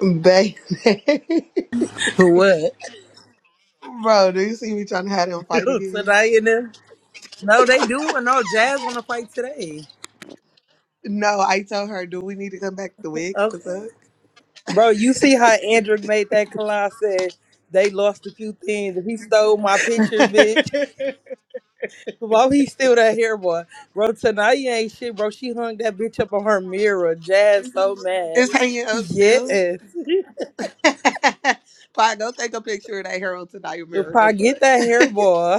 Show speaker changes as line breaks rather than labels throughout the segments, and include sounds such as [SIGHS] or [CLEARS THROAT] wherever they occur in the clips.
Baby. [LAUGHS]
For what?
Bro, do you see me trying to have them
[LAUGHS]
fight again?
today and then? No, they do. and No, Jazz want to fight today.
No, I told her, do we need to come back to wigs? The
Okay.
fuck?
Bro, you see how Andrew made that collage said they lost a few things. If he stole my picture, bitch.
[LAUGHS]
While he steal that hair, boy? Bro, Tanaya ain't shit, bro. She hung that bitch up on her mirror. Jazz so mad.
it's hanging up
Yes.
still. [LAUGHS] Fine, go take a picture of that hero tonight, mirror.
If
The
I get
fuck?
that hair, boy.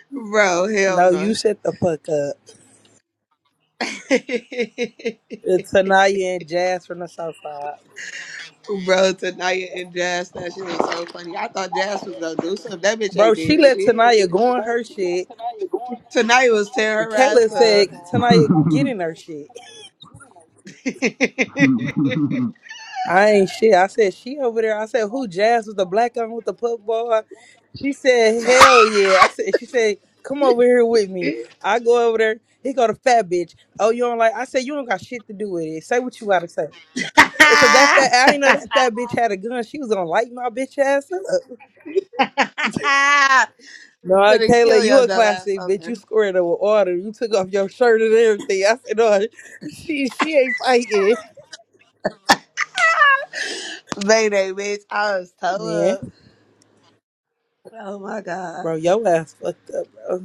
[LAUGHS] Bro, hell
No, you
no.
shut the fuck up.
[LAUGHS]
It's Tanaya and Jazz from the South Side.
Bro, Tania and Jazz, that shit was so funny. I thought Jazz was gonna do something. That bitch
Bro,
ain't
she
did
let
shit.
Tanaya go on her shit.
Tonight was tearing her ass
Kayla
up.
said Tanaya getting her shit. I ain't shit. I said she over there. I said who Jazz with the black on with the puff bar. She said hell yeah. I said she said come over here with me. I go over there. He go to fat bitch. Oh you don't like? I said you don't got shit to do with it. Say what you gotta say. Cause that fat I
[LAUGHS]
ain't know
[LAUGHS]
that fat bitch had a gun. She was gonna light my bitch ass up.
[LAUGHS]
No,
Gonna
Kayla,
kill
you
your
a
dumb ass
classic bitch. You
fucker.
squared up with order. You took off your shirt and everything. I said no, [LAUGHS] she she ain't fighting.
Mayday, bitch. I was toe
Man.
up. Oh my god.
Bro, yo ass fucked up, bro.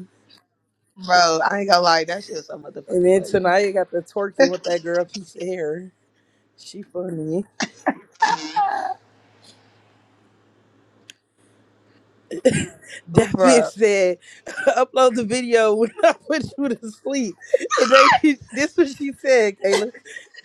Bro, I ain't gonna lie, that shit was so
And
motherfucking
then
funny.
tonight you got the twerking with that girl piece of hair. She funny.
[LAUGHS]
That
Bro,
bitch said, [LAUGHS] upload the video when I put you to sleep. And they [LAUGHS] this what she said, Kayla.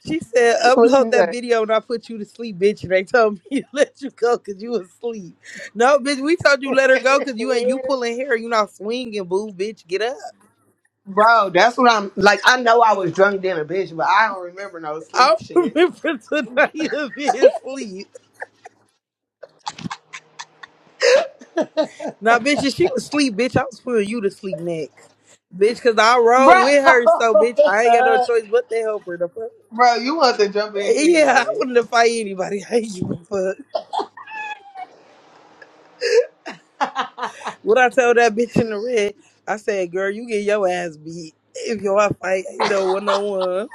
She said,
what
upload
you
that video when I put you to sleep, bitch. And they told [LAUGHS] me to let you go because you was asleep. No, bitch, we told you let her
say?
go because you ain't you
[LAUGHS]
pulling hair. You not swinging, boo, bitch. Get up. [LAUGHS]
Bro, that's what I'm like. I know I was drunk then a bitch, but I don't remember no
I
sleep
don't
shit.
remember [LAUGHS] tonight you being asleep. Now, bitch, if she was asleep, bitch, I was putting you to sleep next. Bitch, cause I rode
Bro,
with
[LAUGHS]
her, so bitch, I ain't got no choice but to help her. The fuck?
bro, you want to jump in
Yeah, I
anyway.
wouldn't have fight anybody. [LAUGHS] I ain't give a fuck. What I told that bitch in the red, I said, girl, you get your ass beat. If y'all fight, ain't no one on one.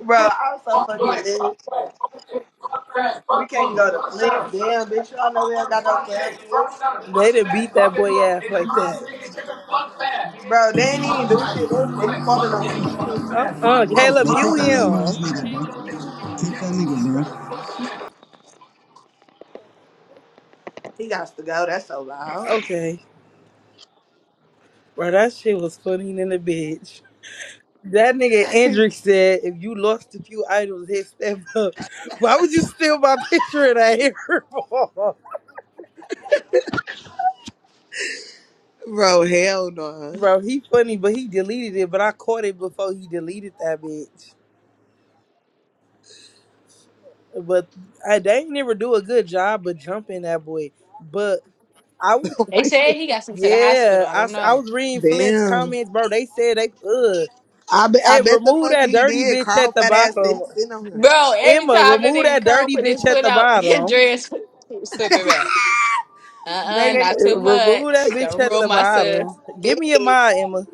Bro, I was so fucking lit.
fast,
We
buck
can't
low,
go to
buck
Flint.
sound,
Damn, bitch, y'all know
buck
we don't
every,
got no
buck
club
bang,
here.
buck sound, buck
They done
smash,
beat that
buck
boy
ignore.
ass
It's a
like that.
monster. nigga, take a buck fast.
Bro, they didn't even do shit. They they be falling on him and
Buck
shit.
Uh
fast, buck
uh
low,
Caleb,
Bro,
buck
you
kick that
sound.
lame ass
him.
nigga, bro. Kick that nigga, bro.
He got to go. That's so loud.
Okay. Bro, that shit was funny than a bitch. That nigga Andrick said if you lost a few idols, hit step up. [LAUGHS] Why would you steal my [LAUGHS] picture and of that ball,
Bro, hell no.
Bro, he funny, but he deleted it, but I caught it before he deleted that bitch. But I, they ain't never do a good job of jumping that boy. But I was,
They
[LAUGHS]
said he got sent to the hospital.
yeah,
I
I,
don't
s- I
know.
was reading Flint's
Damn.
comments, bro. They said they, ugh.
I bet I
Hey,
bet the
remove
fuck
that
he
dirty
did.
bitch
Carl
at the
fat ass steady
bottom.
sitting on him.
Bro, every
Emma,
time that
remove
nigga
that
Carl
dirty
put his
bitch at
foot
the
out, [LAUGHS] his
bottom.
dress was slipping back. Uh-uh,
Bayne
not too
Remove that
much.
bitch
Don't
at
ruin
the
my sis.
bottom. Give me a
bitch.
mod, Emma.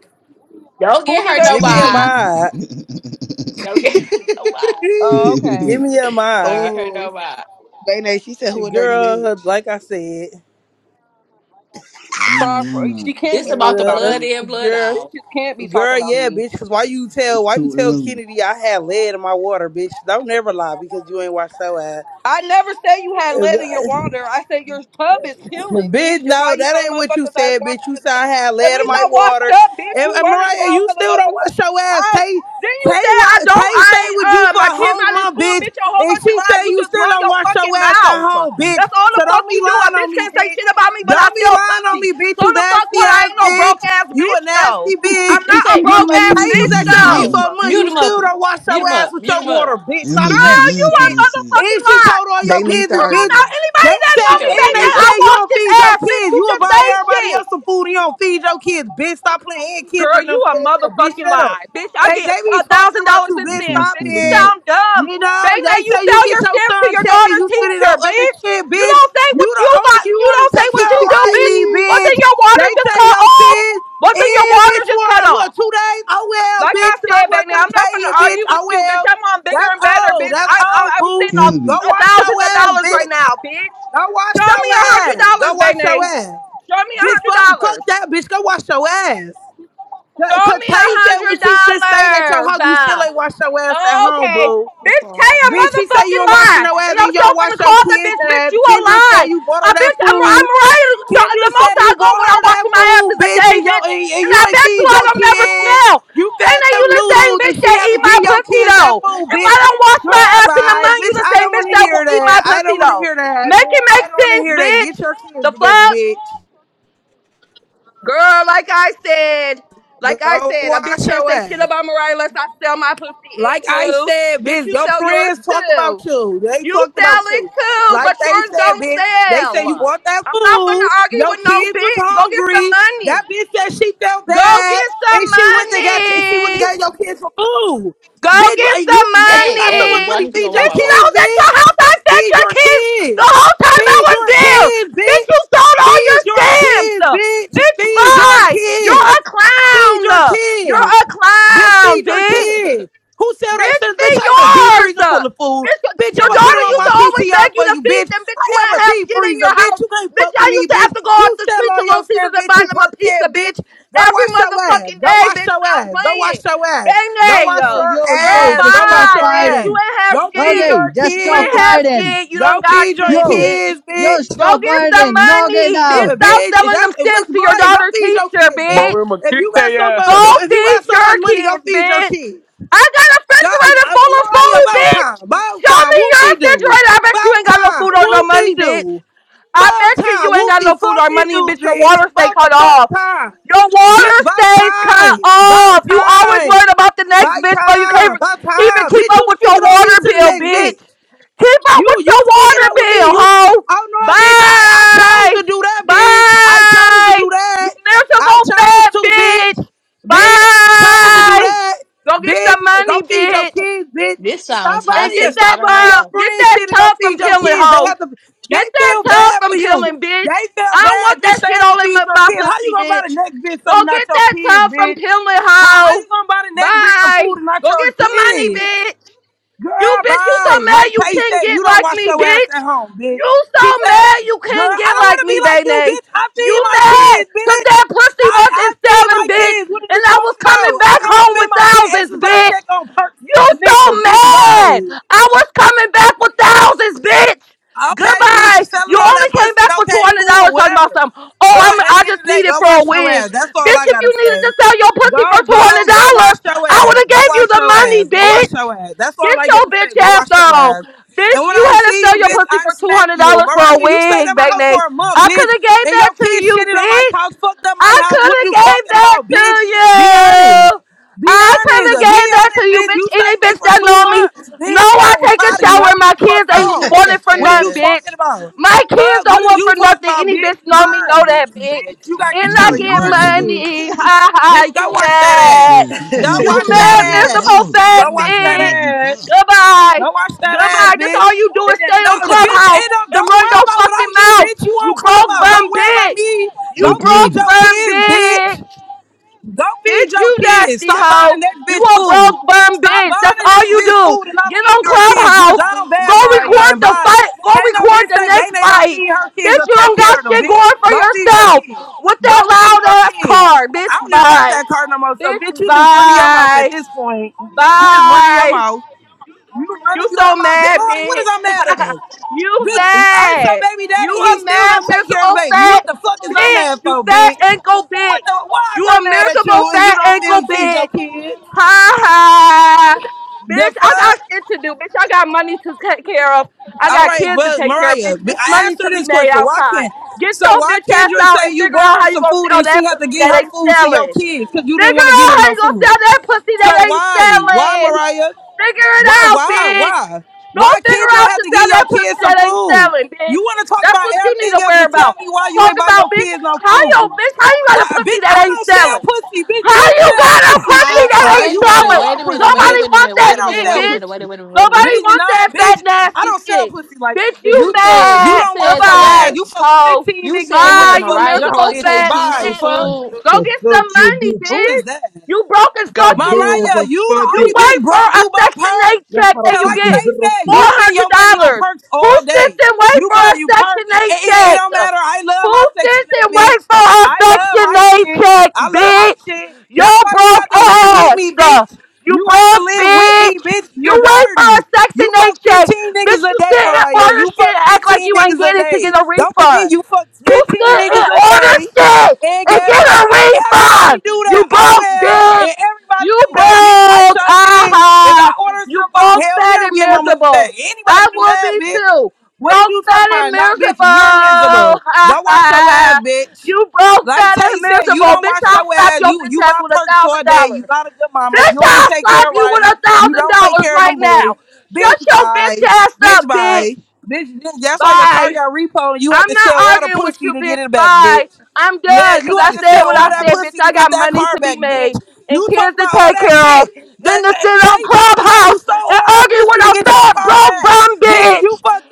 Don't
Who
get
the
hurt no
dirty
Give me a
bitch?
vibe.
mod.
[LAUGHS]
Don't get [LAUGHS] hurt no vibe.
Oh,
[LAUGHS]
okay.
Give me a
Don't
mod,
get hurt
Oh.
no vibe.
Bayne, she said who a dirty
Girl,
bitch.
like I said,
Why y'all
Far from,
alone
she
that?
can't
This
be
about
talking
the
about
uh,
blood
me.
in, blood
girl,
out.
Bitches can't be talking
girl,
about
yeah,
me.
bitch. Cause why you tell,
It's
why you
too
tell
early.
Kennedy I had lead in my water, bitch? Don't never lie because you ain't watched so ass.
I never said you had lead in your water. I said your tub is
[COUGHS]
peeling, bitch.
Bitch,
And why
no,
you
that
telling
ain't what you
motherfuckers I
said, bitch.
washed
You
it?
said I had
At
lead in
least
my
I washed
water.
up, bitch.
And,
You
and
running
Mariah,
around
you
telling
still don't
motherfuckers
wash your ass.
I.
Tay,
Then you
Tay,
said I
wa-
don't.
Tay
I
stay with you
uh,
for
my
a
kids
whole
not in
month,
school,
bitch.
bitch. A whole
And
bunch of
she
lies.
say
You
you
just
still
run
don't
your
wash
fucking
your ass at
mouth.
home, bitch.
That's all the
So
fuck
don't be
you do. A
lying on
bitch
me,
can't say
bitch.
shit about me, but I
Don't be
sell
lying on
pussy.
me, bitch.
So
You
the fuck
nasty
what? I
ass
ain't no broke
bitch.
ass
You a
bitch though.
nasty bitch.
I'm not
This
a
ain't
Your
broke
Tay
ass
was
bitch
at your house
mute.
for
[LAUGHS]
a
though.
month.
Mute
You
him up.
still don't wash
Mute
your
him
ass
up.
with
Mute
your
him up.
water,
[LAUGHS]
bitch.
Emma,
Stop
you
playing
Girl, you
with
live
me,
for
a
bitch.
this shit.
motherfucking
And she
lie.
told
[LAUGHS]
all your
they need to
business,
Come on
bitch.
argue.
now. Anybody
They
that
She
know
said,
know
me,
what
and
that
baby,
they
is.
I
said you
wash
don't
this
feed your
ass, bitch.
kids.
You
You will
just
buy
say
everybody
shit.
else some food and you don't feed your kids. Bitch, stop playing. And Kendra
Girl,
and
you
them
a
said that. Bitch,
motherfucking
shut up.
lie. Bitch, I
They,
get
they be
a
talking
thousand
about
dollars
you.
in
I
Bitch,
play
stamps.
stop
Bitch, you
stepdad.
it.
sound dumb.
You know,
Bang that
they
you
say you
sell
get
your
your
stamps to
son
your
checked and
daughter
you spend it
teacher,
on other
bitch.
shit,
You
bitch.
don't say
You
what you
the only,
got. You
you only
don't say
take
what
care
you
of
do, bitch.
Riley,
Wasn't
bitch.
your water
They
just
say
cut
your
off?
kids
Wasn't your
in,
water
bitch, for
just cut
what,
off?
two days? Oh, well,
Like I
bitch, because I
said,
wasn't
baby,
going
now, I'm
to
not
pay you,
gonna
bitch.
argue with
Oh,
you, bitch.
well.
I'm on bigger
That's
and better,
old.
bitch.
That's
I, I,
old,
I'm
boo.
sitting on
Go
Kennedy.
a
wash
thousand
your ass,
dollars right
bitch.
now, bitch.
Go wash
Show me
your
a hundred
ass. Go
dollars,
wash your
baby.
ass.
Show me a
Bitch,
hundred
fuck,
dollars.
fuck that bitch. Go wash your ass. Cause
Show
cause
me a
Tay said
hundred
when she still stayed at your
dollars.
house, you
Uh,
still ain't wash your ass at home,
okay.
boo.
Bitch, tell a
Bitch, she said you
motherfucking
were washing
lie.
your
And
ass and
I'm
you
sure
don't wash
finna
your
call the
kids'
bitch, bitch,
ass.
you a
Kendra
lie.
said you bought
A
her that
bitch, I'm,
food.
I'm right. The,
Kendra
the most
said
I
you
go
bought
when i
her
wash
that
my ass
food,
is a
bitch,
day,
and, yo,
bitch.
and, and
And I
you ain't
bet you
feed
I
your
don't never
kids.
smell.
You
Ain't
fed
that
them
you the same
noodles, and
bitch
she
that
had to
eat my
give your
pussy,
kids
though?
that food,
If I
bitch.
don't wash my
Girl,
ass in the
bye.
month, you
Bitch,
the
I
same
don't
bitch
want to
that
hear
will eat my
that. I
pussy,
don't want to
though.
hear that,
Make
bitch.
it make
I don't want to
sense,
hear that.
bitch.
Get your
The
kids together,
fuck?
bitch.
Girl, like I said, like I
Go
said, a bitch
wash
can't
your
say shit
ass.
about Mariah unless I sell my pussy
Like
and
I
do.
said,
Bitch,
bitch,
you
your
sell yours
friends talk
too.
about you. They
You
talked
sell
about
it
you.
too,
Like
but
they
yours
said,
don't
bitch, they said you
sell.
bought that
I'm not gonna
food.
argue
Your
with no
kids was
bitch. Go get some
hungry. That
money.
bitch said she felt
Go
bad
get
and
some
she went to get she went to
money.
get your kids for food.
Go
Bitch,
get
like you
some
[LAUGHS]
if you
hey,
got
hey,
someone
money.
y'all
money,
need to go
feed
one
your
Bitch,
by
when I
one.
kids,
was at your
bitch.
house, I fed
Feed
your
your
kids the
kids.
whole time I
Feed
was
your
there.
kids,
Bitch, you
bitch.
sold all
Feed
your
your
stamps.
kids, bitch.
Bitch,
Feed your
bye. You're
kids.
a
Feed your
clown. You're
kids.
a
Bitch,
clown,
feed your
bitch.
[LAUGHS]
kids. Who sell they
Bitch,
said, bitch,
feed
I got a deep
yours.
freezer full of food.
Bitch,
Bitch,
your
Like,
I'ma put them
who's
daughter
on
used
my
to
on?
always beg
PTR
you
for
to
you,
feed
bitch.
them. Bitch, you
I have
ain't
a
have
deep
shit in
freezer,
your
bitch.
house.
You can't
Bitch,
fuck
I
with me,
used to have
bitch.
to go out
You
the
sell
street to
on your
Little Caesars
stuff,
and
bitch.
buy
You
them
perk
a pizza,
head,
bitch.
bitch. Go
Every
wash your ass.
motherfucking
Go
day,
wash
bitch.
your
Stop
ass. Go
playing.
wash your ass.
Bang,
Go
nay,
wash
Yo,
uh,
your
yo,
girl,
yo,
ass.
just
Go
stop
wash
bye,
your
bitch.
ass.
You
fighting.
ain't have
Go feed
shit.
Okay,
your
just
You
stop
ain't
kids.
have
fighting.
shit. You
Go
don't got
feed your
shit,
Yo,
bitch.
kids,
yo,
bitch.
Go
stop
get some
fighting. Knock it
money, bitch.
out.
Uh,
Stop
bitch, if
selling
that's
them
if it's
stamps to your
Mariah, go
daughter's
feed your
teacher,
kids, bitch.
bitch.
Bro, I'ma
If you
kick
got
their
so
ass.
much
Go
food, if you
feed
got so
your
much money, go
kids,
feed your
bitch.
kids.
I got a
Go, uh,
refrigerator
uh,
full of
Mariah,
food,
about time,
bitch.
about
Show
time,
me
whoop
your
de do,
refrigerator. I bet you
about
ain't got no
time,
food or no
whoop de
money, bitch.
do,
I
about
bet you
time,
you ain't
whoop
got
de
no food or
fucking
money, and
do,
bitch. Your
bitch,
water stay
about the
cut
fuck
off.
time,
Your
bitch,
water
about
stays cut
time,
off.
about
You always
time,
worried about the next
about
bitch, but you
time,
can't
about
even
time,
keep
bitch.
up
You
with your
speaking on
water
me to the
bill,
next
bitch.
bitch.
Keep up with
You
your
you speaking
water
up with me?
bill,
You
hoe.
oh no, bitch! I I chose
Bye.
to do that, bitch. I chose to
Bye.
do
You
that. I
miserable
chose
fat
to,
bitch.
bitch. Bitch, chose to do
Bye.
that.
Go get
Bitch,
some
go
money,
feed your
bitch
kids, bitch.
this
Stop
sounds
and
buying
get
your
toxic. I
that
stop
don't
buying
uh
your
know.
get
friends
that
shit and go
tub from
feed your
peeling
kids. They
hoe.
have to. They
Get that
feel
tub
bad for
from
you.
peeling,
They
bitch.
feel
I don't want
bad,
that
bitch. They
shit
have to
all in
feed
my,
your
my
kids. How you
pussy,
gonna buy the
bitch.
next bitch something
Go
not
get
your
that
kids,
tub from
bitch?
peeling
How how
hoe.
you gonna buy the next bitch some
Bye.
food and not
Go
your
get some money,
kids?
bitch.
Girl,
You bitch, you so
bye.
mad
Like
you
Tay
can't
said, you
get
don't
like
wash
me,
your ass
bitch.
at home, bitch.
You so
She said,
mad you
girl,
can't
I
get
don't want
like
to be
me,
like you,
baby.
bitch. I feed
You
my
mad
kids,
cause
bitch.
that pussy
I, I
wasn't
feed my
selling, bitch.
kids. What are
And
you
I was
talking
coming
about? I
back
don't
home with
spend my kid
thousands,
essence I
bitch.
check on perks
You
and the
so
niggas, bitch.
mad.
Bye.
I was coming back for thousands, bitch.
Okay, bitch,
Goodbye. You
selling all
only
that
came
pussy.
back for two
Okay,
hundred
cool,
dollars talking about
whatever.
something. Oh,
But
I'm
at
I
the end of
just
the day,
needed
go
for a
wash your
wig.
ass. That's all
Bitch,
I
if you
gotta
needed to
say.
sell your pussy for
Go,
two hundred
go, go wash
dollars,
your
I would
ass.
have
Go
gave you
wash
the
your
money,
ass. Go wash
bitch.
your ass. That's all
Get
I
your
get to
bitch
say. Go
ass
wash your
on.
ass. And
Bitch,
when
you
I
had to
see
sell
you,
your
bitch,
pussy
I'm
for two hundred
smacking you.
dollars for a
Mariah, you stayed
wig,
at my house
Bagnate.
for a month,
I could
bitch.
have gave
And
that
your
to
kids
you,
shitted on my
bitch.
couch, fucked up my
I
house.
could
What are
have
you
gave
talking
that
about, bitch? Be
to
honest.
you.
Be
I could have
honest. Be
gave that to
honest,
you,
bitch.
bitch.
You
Any
stayed with me
bitch
for
that
two
know me
months,
know
bitch.
I
Yeah, I was
take a
tired of you.
shower.
Had to
My
get the fuck
kids ain't
home.
wanting for
What are you
nothing,
[LAUGHS]
talking
bitch.
about?
My kids
Fuck,
don't
what did
want for
you talk
nothing.
about,
Any
bitch?
bitch
And
know me know
mine.
that, bitch.
Bitch, you got
[LAUGHS]
And
kicked
I
out of
get
what,
your
Emma?
shit.
[LAUGHS]
money. Ha ha.
Bitch, go
You
watch that ass.
mad?
Shit, she talking
Go
about she
You
watch
came
mad,
back with a
that ass.
miserable
thousand. That
Go
fat
watch
motherfucker
that
must
bitch?
be fine.
ass.
Goodbye.
Go watch that
Goodbye.
ass,
That's
bitch.
all you do
And
is
that-
stay on
No, the bitch
Clubhouse
end up.
and
Don't
run
worry
your
about what
fucking
I do,
mouth.
bitch. You
You
on
broke
Clubhouse. Don't
bum
worry about
bitch.
me. Go
Hey
You broke
feed
Kennedy.
your
bum
kids,
bitch.
bitch. Go feed
Bitch,
your
you
kids.
nasty
Stop buying
hoe.
the next
You
bitch
a
food.
broke bum
Stop
bitch.
buying
That's
the
all
next
you
bitch
do.
food and not
Get
feeding
on
your kids. You're
Clubhouse.
down
Go
bad, Mariah,
record
and
the
bye.
fight. Go
Can't no
record
bitch
the
say
next
Bane don't
fight.
feed her kids
Bitch,
or
you
take
don't got
care of them,
shit
bitch.
going for
Go feed your
yourself.
kids.
With
Go
that
feed
loud
your
ass
kids.
car. Bitch,
I don't even got that
bye.
card no more. So, bitch,
Bitch,
you just running your mouth at
bye.
this point. You just running your
Bye.
mouth. You running
You
your
so
mouth. Bitch, I'm
mad,
like, what is
bitch.
I mad of?
[LAUGHS] you
Bitch, Earth your
mad.
baby daddy,
You
he
a
still
mad,
don't take care of the
miserable,
baby. What
fat
the fuck is I
bitch.
mad
You
for,
fat
bitch?
ankle
What
bitch.
the why
You
is I
a
mad at
miserable,
you and you
fat
don't
ankle
feel feed
bitch.
your kids?
Ha ha,
The
bitch. I got
fuck?
shit to do, bitch. I got money to take care of. I
All
got
right,
kids to
but
take care of,
Mariah,
bitch.
b-
It's
I
money
asked
to
her
be
this
made
question. Why
outside.
can't
Get
so
your
why
bitch ass
Kendra say
out and
you
figure
bought
out
her
how you
some
gonna
food
sell
and she
that
had to
pussy
get
that
her
ain't
food to your
selling.
kids because you didn't want
Figure
to get
out
them
how
no
you gonna sell
food?
that pussy
So
that ain't
why? Why
selling.
Mariah?
Figure it
Why,
out,
why,
bitch.
why?
Go
Why
figure
kids don't
out
have
to
to
sell
give your
that pussy
kids some
that ain't
food?
selling,
You
bitch.
want to talk
That's
about
what you need
everything
to
else,
worry
but tell
about.
me why you
Talk
ain't buy your
about, bitch.
kids no
How yo,
food.
bitch? How you got
Why,
a
bitch,
pussy
I
that ain't
don't sell
selling?
pussy, bitch.
How
You
you
sell
got a
pussy,
pussy
Hi,
bitch.
that
I,
ain't
Wait a
you
minute,
sell
selling?
wait
all
a
the
minute,
pussy,
wait a
Nobody
bitch.
minute, wait
want
a minute,
that
wait
I
a
don't
minute,
shit,
sell
wait a
pussy.
minute,
bitch.
wait a minute, wait a
Nobody
Bitch,
minute.
want
no,
that fat
bitch, I
nasty
don't sell
shit,
pussy like
bitch.
you, bitch.
You
You said
You
you
mad?
don't wash
said
your ass.
Goodbye,
that
You fucked
ho.
15
you
niggas and
said
went
that
to
Bye, you
fuck
Mariah
jump,
miserable
bought
bitch, and
fat
KP
bye,
some
bitch.
fuck.
food.
Go get
fuck
some
you,
money,
bitch.
Who is
bitch.
that?
You broke as
God
fuck and
damn,
you
Mariah,
so
you the
fuck
you
only
you.
wait
bitch
for
broke.
a
You buy
Section
perks.
8
يا
check
حرك
that
Till
you
I
لكم
get
take that,
زرتكم
you spend your money on
$400.
perks
Who
all
sits
day.
and wait
You
for
buy
a
you
Section
perks. It,
8
it, it
check?
don't matter. I love
Who
my section
sits
eight,
and wait
bitch.
for
I
a
love
Section
my
8
shit.
check,
I love my
bitch?
shit. That's
You
why you
broke
have to live with
ass.
me, bitch.
You
You have to
broke,
live with me,
bitch.
bitch.
You
You're
wait for
dirty.
a Section
You fuck
8 check.
15
Bitch,
niggas a
you
day,
sit and
Mariah.
order
You
shit
fuck
and act like
15
you ain't
niggas a
get it to get
day.
a
Don't forget,
refund.
you fuck
You
15
sit and
niggas a
order
day.
shit
And
and
guess
get
what?
a
Oh, everybody
refund.
do
You
that. Oh
broke,
well,
bitch.
and everybody
You
do that, bitch. I
broke.
sure did. If I
Ah,
order
you
somebody,
broke,
hell
sad
yeah, I'm
and
getting my money back.
miserable. I
Anybody do
would
that,
be
bitch?
too.
What did
Broke,
you talking
sad and
about? No, bitch, you're
miserable.
miserable.
[LAUGHS] Ha
Go wash your ass,
ha.
bitch.
You broke,
Like
sad
Tay
and
said, you
miserable.
don't
Bitch,
wash
I'll
your
slap
ass.
your
You
bitch
you
ass
buy
with a
perks all
thousand
day. You
dollars.
not a good mama.
Bitch,
You only
I'll
take care
slap
of
you with
Riley.
a
You
thousand
don't take
dollars
care of
right
them boys.
now. Shut
Bitch,
your bitch
bye.
ass up,
Bitch,
bitch.
bye. Bitch, that's why your car
Bye.
got repoed. and you have
I'm
to
not
sell all the
arguing with
pussy
you,
to get
bitch.
it back,
Bye.
bitch.
I'm
Yeah,
done because
you had
I
to
said
sell
what
all
I
that
said, bitch.
pussy to
I got
get that
money
car
to be
back,
made
bitch.
and
You talk
kids to
about all
take
that
care of.
shit. Uh,
Then to
uh,
sit on
Tay told us how you
Clubhouse
sold
and
all that
argue
pussy
with
to
a
get your
fat
car
broke
back.
bum
Bitch, you
bitch.
fucked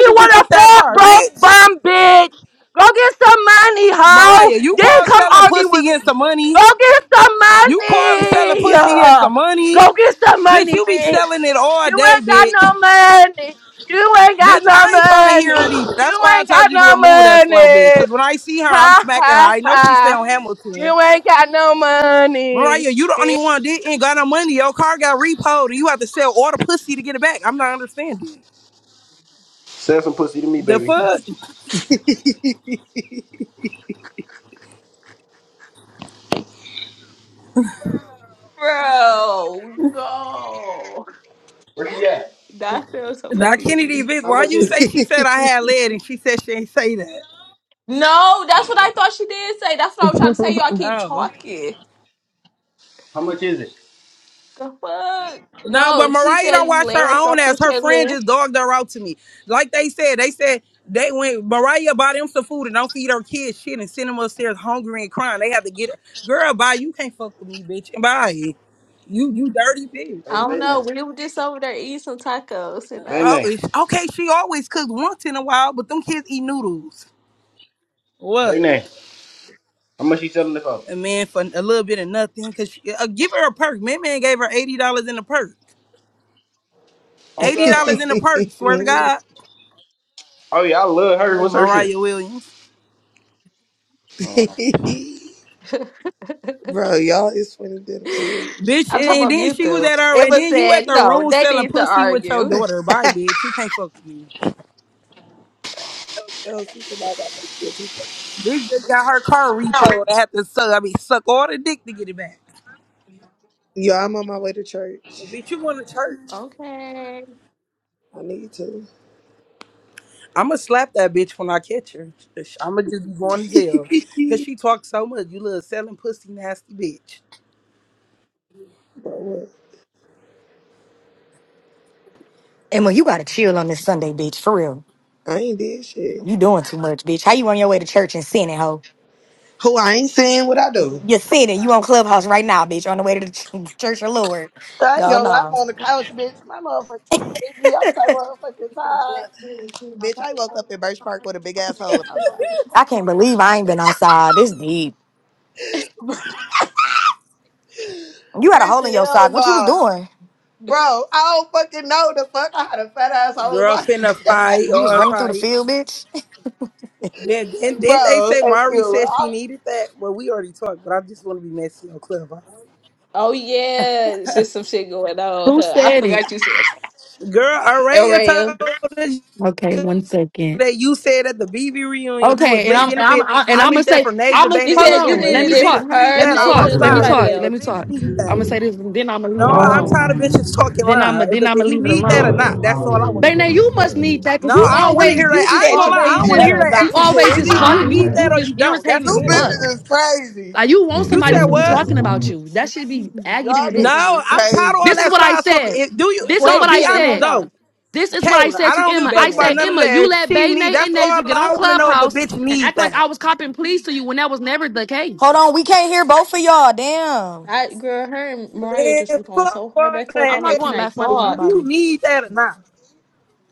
30 niggas to
with
get
a
that
fat
car,
broke
bitch.
bum bitch. Go get some money, hoe.
Mariah, you
Then
call
come
selling
argue with
pussy and
me.
some money.
Go get some
You call selling
money.
pussy and some
[LAUGHS]
money.
Go get some
Bitch,
money,
you be
bitch.
selling it all
You
day,
ain't got no
bitch.
money. You ain't got
Bitch,
no
I ain't trying to hear
money.
it either. That's
You
why I
ain't
told
got
you to
no
remove that slow bitch.
money.
Cause when I see her, I'm
Ha
smacking her.
ha
I know she stay
ha.
on Hamilton.
You ain't got no money.
Mariah, you the only one that ain't got no money. Your car got repoed, and you have to sell all the pussy to get it back. I'm not understanding
Sell some pussy to me,
the
baby.
fuck.
Bro, no.
Where she at?
That sounds so
Now
pussy to
Kennedy,
me.
Vince,
How
why
much
you
is it?
say she said I had
LC.
lead, and she said she ain't say that?
No, that's what I thought she did say. That's what I was trying to say. Y'all keep
Oh.
talking.
How much is it?
The fuck?
No, but
No, she
Mariah don't
just
watch her
led
own
something
ass. Her friend
chilling.
just dogged her out to me. Like they said, they said they went Mariah buy them some food and don't feed her kids shit and send them upstairs hungry and crying. They have to get her. Girl, bye. You can't fuck with me, bitch. And bye. You you dirty bitch.
I
Hey,
don't
Bay Nay.
know. We were just over there eating some tacos, and
Bay
I,
Oh,
Nay.
is- okay. She always cooks once in a while, but them kids eat noodles.
Bay
What?
Nay. How much she selling it for?
A man for a little bit of nothing. Cause she, uh, give her a perk. Man, man gave her eighty dollars in a perk.
Oh,
Eighty dollars
God.
in a perk. Swear to
[LAUGHS]
God,
Oh, yeah, I love her. What's her shit?
Mariah Williams,
[LAUGHS]
Uh,
Bro, y'all is funny than a
[LAUGHS]
bitch.
bitch.
I'm talking
And
about
then
mute
she was
them.
at her, and
Emma
then you at
said,
the
"No,
room
they
selling
need to
pussy with your
argue."
daughter. Bye,
[LAUGHS]
bitch. You can't fuck with me.
oh, see, somebody got to get to.
Bitch just got her car repoed. I have to suck. I mean, suck all the dick to get it back.
Yo, I'm on my way to church.
Bitch, you going to church?
Okay.
I need to.
I'ma slap that bitch when I catch her. I'ma [LAUGHS] just be going to jail.
[LAUGHS]
Cause she talks so much. You little selling pussy nasty bitch.
Bro, what?
Emma, you gotta chill on this Sunday, bitch. For real.
I ain't did shit.
You doing too much, bitch. How you on your way to church and sinning, hoe?
Who I ain't saying what I do.
You're sinning. You on Clubhouse right now, bitch. On the way to the ch- church of Lord.
I ain't
Go
gonna lie, I'm
no.
on the couch, bitch. My motherfucking baby, I'm so motherfucking tired. Bitch, I woke up in Birch Park with a big ass hole in my side.
I can't believe I ain't been outside. This deep. You
[LAUGHS]
had a hole
bitch,
in your
hell
sock. What you was
no.
doing?
Bro, I don't fucking know the fuck. I had a fat ass hole in
Girl
my [LAUGHS]
finna fight
You was
all
running through the field,
types.
bitch. [LAUGHS]
Then then then they
Bro,
say
thank
Mari said
you.
she needed that. Well we already talked, but I just wanna be messy on Clubhouse.
Oh yeah, it's just some shit going on.
Who
Huh? I
said it?
forgot you said
Girl,
that.
Araya
Araya.
told us
Okay, one second.
that you said at the BB reunion you was
Okay, and I'm,
lit in the
and I'm
bitch.
I, and
I
I'm gonna
need that
say
for
I'm
Naja
gonna
Bana
You
hold
and
said you
on.
Emma. And
Let
if
needed
a
me
it
talk.
bitch
from
need
her,
Let
that,
me
I'm
talk.
Nasia, or
Let me
outside
Regularity
somebody
talk.
today.
Let
But
me
else. [LAUGHS]
bitch
talk.
and
need
I'm
that.
gonna say
predictability.
this, and then I'm gonna leave it
No,
Allow
I'm
for
alone.
tired of
time to
bitches
rest
talking
Then I'm
line.
gonna
If,
then I'm
if
gonna
you
leave it
as
need that
well
or
as
alone.
a
not, that's all
holiday
I want to
and
But now
other
hear.
you must need
special
that because
No,
you
I
times
don't
to
want to
always
hear
review.
that.
you
She
just
I ain't
said
gonna
you
lie. I
always
did
don't want to
that
just
hear
or
that
you
Teachings
not.
[LAUGHS]
extra shit.
always
It's
just
either
provide
you
talking. You
need
you
that or
just
guidelines
you don't. That's
to
irritating
you
as
the end
live
of
fuck.
it.
bitches
by
is crazy.
Like you
the
want
You
somebody
said
to be
importance
what?
of
talking
doing the
about you. That should be aggy than
Y'all
a
bitches
bitch.
is
No, I'm tired of
crazy.
all
This is
that
what I
side talking.
said.
It, do you?
This is
Wait
No,
a
what I
be
minute.
honest
Hold
said.
on,
though,
This is what I
Kayla.
said
I
to
don't give a
Emma.
fuck
I
about
said,
baby.
none of
Emma,
that.
you let
She
Bay
need.
Nate
That's
and
all
Nasia get on
I want to know if a
Clubhouse
bitch
and
need
act like I
that.
was copping pleas to you when that was never the
Hold
case.
on, we can't hear both of y'all. Damn.
I girl, her and Mariah just
Man,
were going
fuck
so hard
all
back and forth.
I'm
that
I'm
not
like, can
going
extra
I
back and forth with
shit. Do
talk?
you
nobody.
need that or not?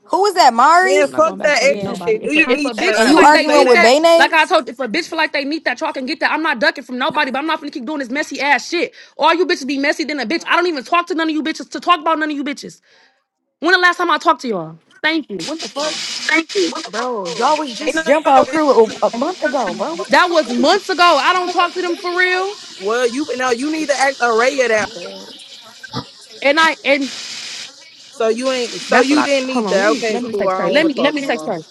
Who was that, Mari?
Man,
I'm not
fuck
going back and
that
forth with
extra
Yeah.
nobody.
shit.
If
Do
a,
you
if a
need that or
bitch
And
feel
not?
you
Did
like
you
they
say
arguing
need
with
that?
that,
Bane?
like I told, if a bitch feel like they need that talk and get that, I'm not ducking from nobody. But I'm not gonna keep doing this messy ass shit. All you bitches be messy than a bitch. I don't even talk to none of you bitches to talk about none of you bitches. When the last time I talked to y'all? Thank you. What the fuck?
Bro, y'all was
Ain't
just
no
jump out
bitch.
crew a, a month ago,
That was months ago. I don't talk to them for real.
Well, you now you need to act array of that.
And I and
So you ain't. So
That's what
you
I
didn't
hold
need
on.
that.
Let me
Okay,
let me
cool.
text
I
her.
don't
Let
want
me
to
let
talk
me
no
text
more.
her.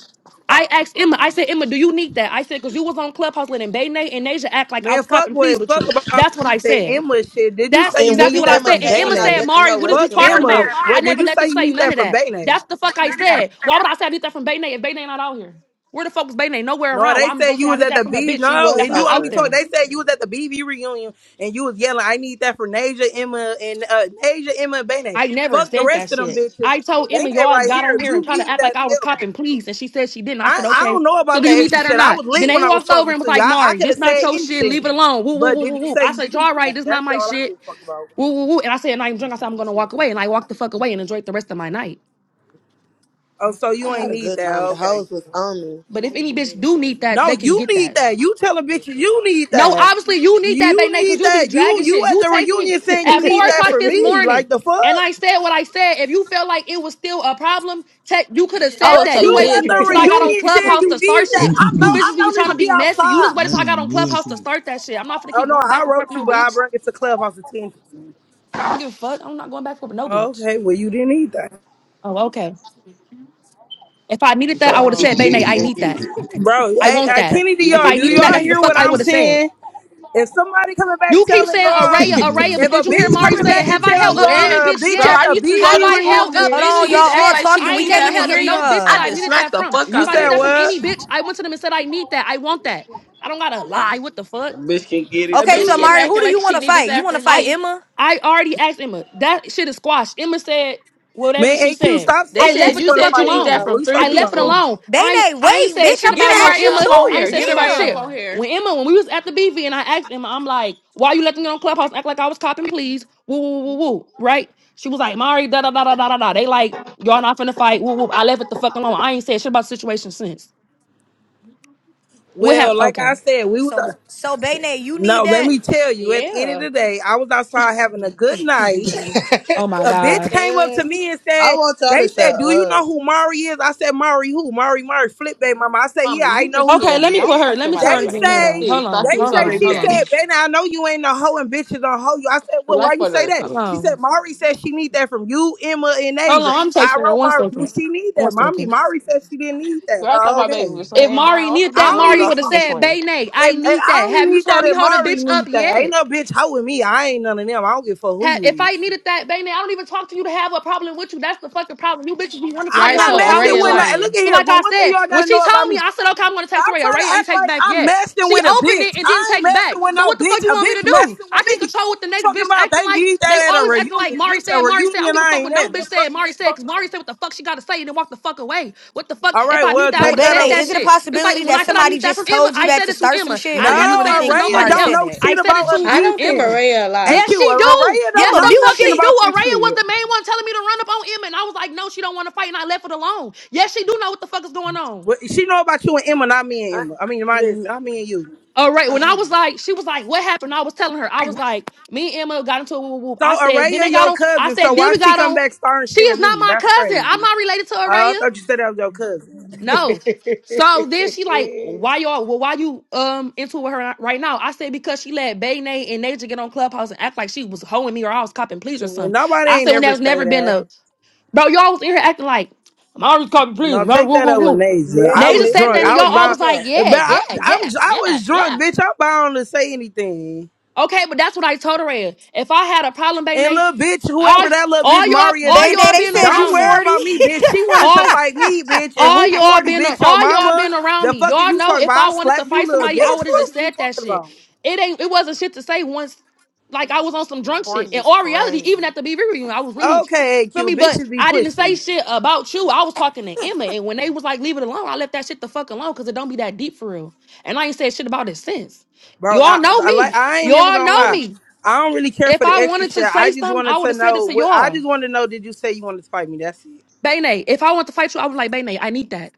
I asked Emma, I said, Emma, do you need that? I said, because you was on Clubhouse letting Bay Nay and Nasia act like I
Man,
was
fuck
copping pleased
with
with
fuck
you.
about
That's what I
the
said.
Emma shit. Did you
That's
say
And
you
what
exactly
need
did
what I
that
Emma
said.
from
And
say? I'm
Emma
not
said,
Bane?
ducking
Mari,
no
what
wreck
is you
Fuck
from
talking
no
Emma.
about?
bitch.
I
What did
never
you
let
say
them
you
say
need
none
that
of
from
that.
Bane?
That's the fuck I
bro.
said. Why would I say I need that from Bay Nay if Bay Nay not out here? Where the fuck was Bay Nay? Nowhere
No,
around. Why
they
I'm
said
gonna say
you
I
was
need
at
that
the
from a
B.
bitch
She
No,
was
that's
if you
not
out
want to
out
be
there.
talking,
there.
they said you was at the BB reunion and you was yelling, "I need that for Naja, Emma, and uh, Naja, Emma, and Bane."
I never
Fuck the
said that
rest of them
shit.
bitches.
I told Emma
Bane
y'all
right
got
here.
on
If
here and
you
tried to
need
act
that,
like I was
tell me.
copping please, and she said she didn't. I said
I, I
okay.
don't know
So
about
do you
that
need
extra
that or
shit. I
not?
was
Then
lit
they
when I was
walked over
talking
and was
to you.
like,
I, I
"Mari,
could
this
have
not
said
your shit. Leave it
anything.
alone." Woo woo
But
woo
did
woo
you
woo.
say
I
you
said,
need
"Y'all right.
that?
This not
That's
my
all I
shit."
give a fuck about.
Woo woo woo. And I said, "And I'm drunk." I said, "I'm gonna walk away," and I walked the fuck away and enjoyed the rest of my night.
Oh, so
I
you ain't
had a
need
good
that.
time. The
Okay.
hoes was on me.
But if any bitch do need that,
No,
they can
you
get that.
need that. You telling bitches you need
No,
that.
obviously you need that
You
baby because
need
you be
that. You
dragging
you
shit.
at
You
the
text me
reunion
[LAUGHS]
saying
at
you
four
need that
o'clock
for
this
me.
morning,
Like the fuck?
and I said what I said. If you felt like it was still a problem, te- you could have said
Oh,
But
so
that. You
you
you
waited till,
did
at the
you-
say
till I
that.
got on
reunion saying
Clubhouse
you
to start
need
[LAUGHS]
that.
shit.
I'm no
You
that
I
bitches be
don't
trying
even
to
be
be messy. You just
outside.
waited till I got on
one bullshit.
Clubhouse to start that shit. I'm not gonna
Oh
keep
no,
going
I
back and forth
wrote
with
you,
no
but I
bitch.
bring it to clubhouse attention.
I don't give a fuck. I'm not going back and forth with no bitch.
Okay, well you didn't need that.
Oh, okay. If I
You
needed that, I
trying to
would have said,
eat
Bane,
Bro.
it
I
and
need
[LAUGHS]
beat
that.
it.
Bro,
I
hey,
want
hey,
that.
Kenny, do
If
Eat
y'all
I
it
do
needed
and
that,
y'all
that's
beat
the
hear
it.
fuck
what
I
I'm
would have said.
saying? If somebody coming back
You keep
telling
saying
y'all,
Araya,
I'm
Araya,
dead.
but
if a
did you hear
bitch
Mari
coming
say it?
back and
Have I
tell
held up any
Yes,
[LAUGHS]
y'all a
bitch
bro.
bitch
yet?
at
I
the
used to go
Have
to
I
BV
school. with
held
This
up
Hold
reunion,
bitch,
any
on,
she
y'all
used to
bitch
act
all
yet?
like she
talking.
I
We
ain't
need
can't
never
that
even
held
from
hear
up
me.
no bitch that
I
y'all.
I
just
needed
smacked
that
the
from.
fuck
you
If
out
I need
said
that
that from
what?
any
bitch.
bitch, I went to them and said, I need that. I want that. I don't gotta lie. What the fuck?
That bitch can get it
A
Okay,
bitch
so
kept
Mari, who
too.
acting
do
like
you want
she
to
needed
fight? You
that
want to
from
fight
I
me.
Emma?
I already asked Emma. That shit is squashed. Emma said whatever
Man,
she
AQ,
said.
stop
They
I
saying
left
that
said
it
you
you
the
want to
said
fuck
you
fight
need that
Emma.
alone.
What
from
you
three
I
talking
left
about
it
me?
people.
alone. I ain't-
Bayne,
I ain't
wait,
said
bitch,
shit
I'm
Get
about
her
finna
no
ask
right
you
up
Emma.
on
I ain't
too.
here.
said
Get
shit
her
about
right up
shit.
on
Damn.
here.
When Emma, when we was at the BV and I asked Emma, I'm like, why you let them get on Clubhouse act like I was copping, please? Woo, woo, woo, woo. Woo. Right? She was like, Mari, da, da, da, da, da, da, da. They like, y'all not finna fight. Woo, woo. I left it the fuck alone. I ain't said shit about the situation since. What
Well,
happened?
like
Okay.
I said, we was
So,
uh,
so Bayne, you
no.
need
Let
that.
me tell you. At the end of
Yeah,
the day, I was outside having a good
[LAUGHS]
night.
Oh my
A bitch
God.
came up to me and
I
said,
want y'all
they
to shut
said, do you know
up.
who Mari is? I said, Mari who? Mari Mari, flip Bay mama. I said,
mama,
yeah, I
you
know
just
who she
Okay,
scared me.
let me
is.
Don't
put her.
talk
Let
to
me
my
tell
daughter
her to
They
get
like
in here
that,
though.
say,
please.
Hold
Stop
on.
they
this
Hold
on
say,
on.
baby
she
Hold
said,
daddy.
on.
[LAUGHS]
Ben, I know you ain't no hoe and bitches on hoe you. I said, well, why
Like
you
for
say
her,
that?
Hold
please.
She
on.
said, Mari said she need that from you, Emma, and
Hold
Asia.
on, I'm
I
texting her.
wrote
One
Mari,
Oh.
do
second.
she need
One
that? Mommy,
second.
Mari said she didn't need that.
Girl, I thought
Well,
my baby
okay.
was
If
laying down.
Mari
I
needed
thought he
I
that,
don't even
rolled
Mari
off.
need,
would
He
have
just
said,
swing.
Bay Nay, I
and, and
need
I
that.
don't
Have
even
you
need
saw
that,
me
and
hold a
Mari
bitch up
need that. Ain't
yet?
no bitch hoeing me. I ain't none of them. I don't give a fuck who
Ha-
you
If I
is.
needed that, baby, I don't even talk to you to have a problem with you. That's the fucking problem. You bitches be wanting somebody
I'm
Right,
to
so
have
not
a
messing
problem
Araya
with
with no.
y'all.
And look
lying.
at
So,
here.
like
Well,
I
one thing
said,
y'all
when
gotta
she
know about
told me,
me.
I said, okay, I'm gonna text
Stop
Raya.
trying to
Raya ain't
act
text
like
back
I'm
yet.
messing
She
with a
opened
bitch.
it and didn't
I ain't
text back.
messing with
So
no
what the fuck
bitch.
you
A
want me to
bitch
do?
messing
I
with
can't
me.
control what the next
Talking
bitch
about
acting
they
like.
need
They
that at a
always acting like
reunion,
Mari
bitch. A
said, Mari said. I don't
reunion,
give a
I
fuck what
ain't
no
at.
bitch
The
said,
fuck are
Mari
you
said, because
talking
Mari
about?
said what the fuck she gotta say and then walk the fuck away. What the fuck?
All
If
right,
I need
well,
that, I
But
would
take
have
that
Bayne,
said that
is it
over.
a
shit. It's
possibility
like when
that
I said I
somebody
need that
just
from Emma,
told you
I
that
said
to
it to
start some
Emma.
shit,
No,
I
or do
didn't have
you
to
really
say it to
think
Araya
nobody
Mari
don't
said
else.
know
that?
I
shit
said
about
it
us
to
I don't think
Emma.
beefing.
Araya alive.
AQ,
Yes, she do.
Araya don't
Yes,
Emma,
the
know
mute
fuck
nothing
she
shit.
do.
about this
Araya was
shit.
the main one telling me to run up on Emma, and I was like, no, she don't want to fight, and I left it alone. Yes, she do know what the fuck is going on.
What- She know about you and Emma, not me
I,
and Emma. I mean, my,
listen.
not me and you.
All right, when I
[CLEARS THROAT]
was like, she was like, what happened? I was telling her, I was like, me and Emma got into a whoop whoop.
So
I said, then they
Araya
got
your
on. I
cousin.
said,
So
then
why
we
she
got
come
on.
back starting
She
shit
is
with
not
me?
my
That's
cousin. I'm
crazy.
not related to
Oh, I
Araya.
thought you said that was your cousin.
No. So then she like, why y'all? Well, why you um into it with her right now? I said because she let Bay Nay and Naja get on Clubhouse and act like she was hoeing me or I was copping please or
Well,
something.
nobody
I
ain't
said when
ever
there's
say
never been
that.
a Bro, y'all was in here acting like, Myra's copy, please.
No,
Myra,
take
woo,
that
woo,
up with
woo.
Nasia. I
listen,
Naja
was
said that,
listen,
drunk.
and
I was
y'all
listen. Let
all
me
was
bound,
like,
talk.
but
yeah, yeah,
I'm, I'm
yeah,
I
yeah,
was
yeah.
drunk, bitch. I'm bound to say anything.
Okay, but that's what I told her. is. If I had a problem, baby,
And
Nate,
little bitch,
all,
whoever that little bitch
all y'all,
Maria
all
Bayne,
bitch,
y'all
they
been
said you
don't
around
worry
me.
40.
about me,
[LAUGHS]
bitch. She wanted to fight me, bitch. And
All
who
y'all
forty,
been
bitch? Your
all y'all
mama?
been around
The
me.
fuck is
Y'all
you
know
talking
if
about?
I
I
wanted to
slapped you,
fight
little
somebody, I would
bitch.
have
Fuck
just
is you
said that
talking
shit.
about?
It ain't it wasn't shit to say once like I was on some drunk shit.
40
In
is
all reality,
crazy.
even at the BB reunion, I was really
Okay,
feel
AQ,
me, but
bitches be
I didn't say
pushing.
shit about you. I was talking to Emma, and when they was like, leave it alone, I left that shit the fuck alone because it don't be that deep for real. And I ain't said shit about it since.
Bro,
Y'all
I,
know
I like
me.
I ain't never
Y'all
gonna
know
lie.
me.
I don't really care
If
for the
I
extra
wanted
shit.
to
I
say
just
something, I
wanted
would
to
have said it
know
to
what I
y'all.
just wanted to know did you say you wanted to fight me? That's it.
Bane, if I want to fight you, I was like, Bane, I need that.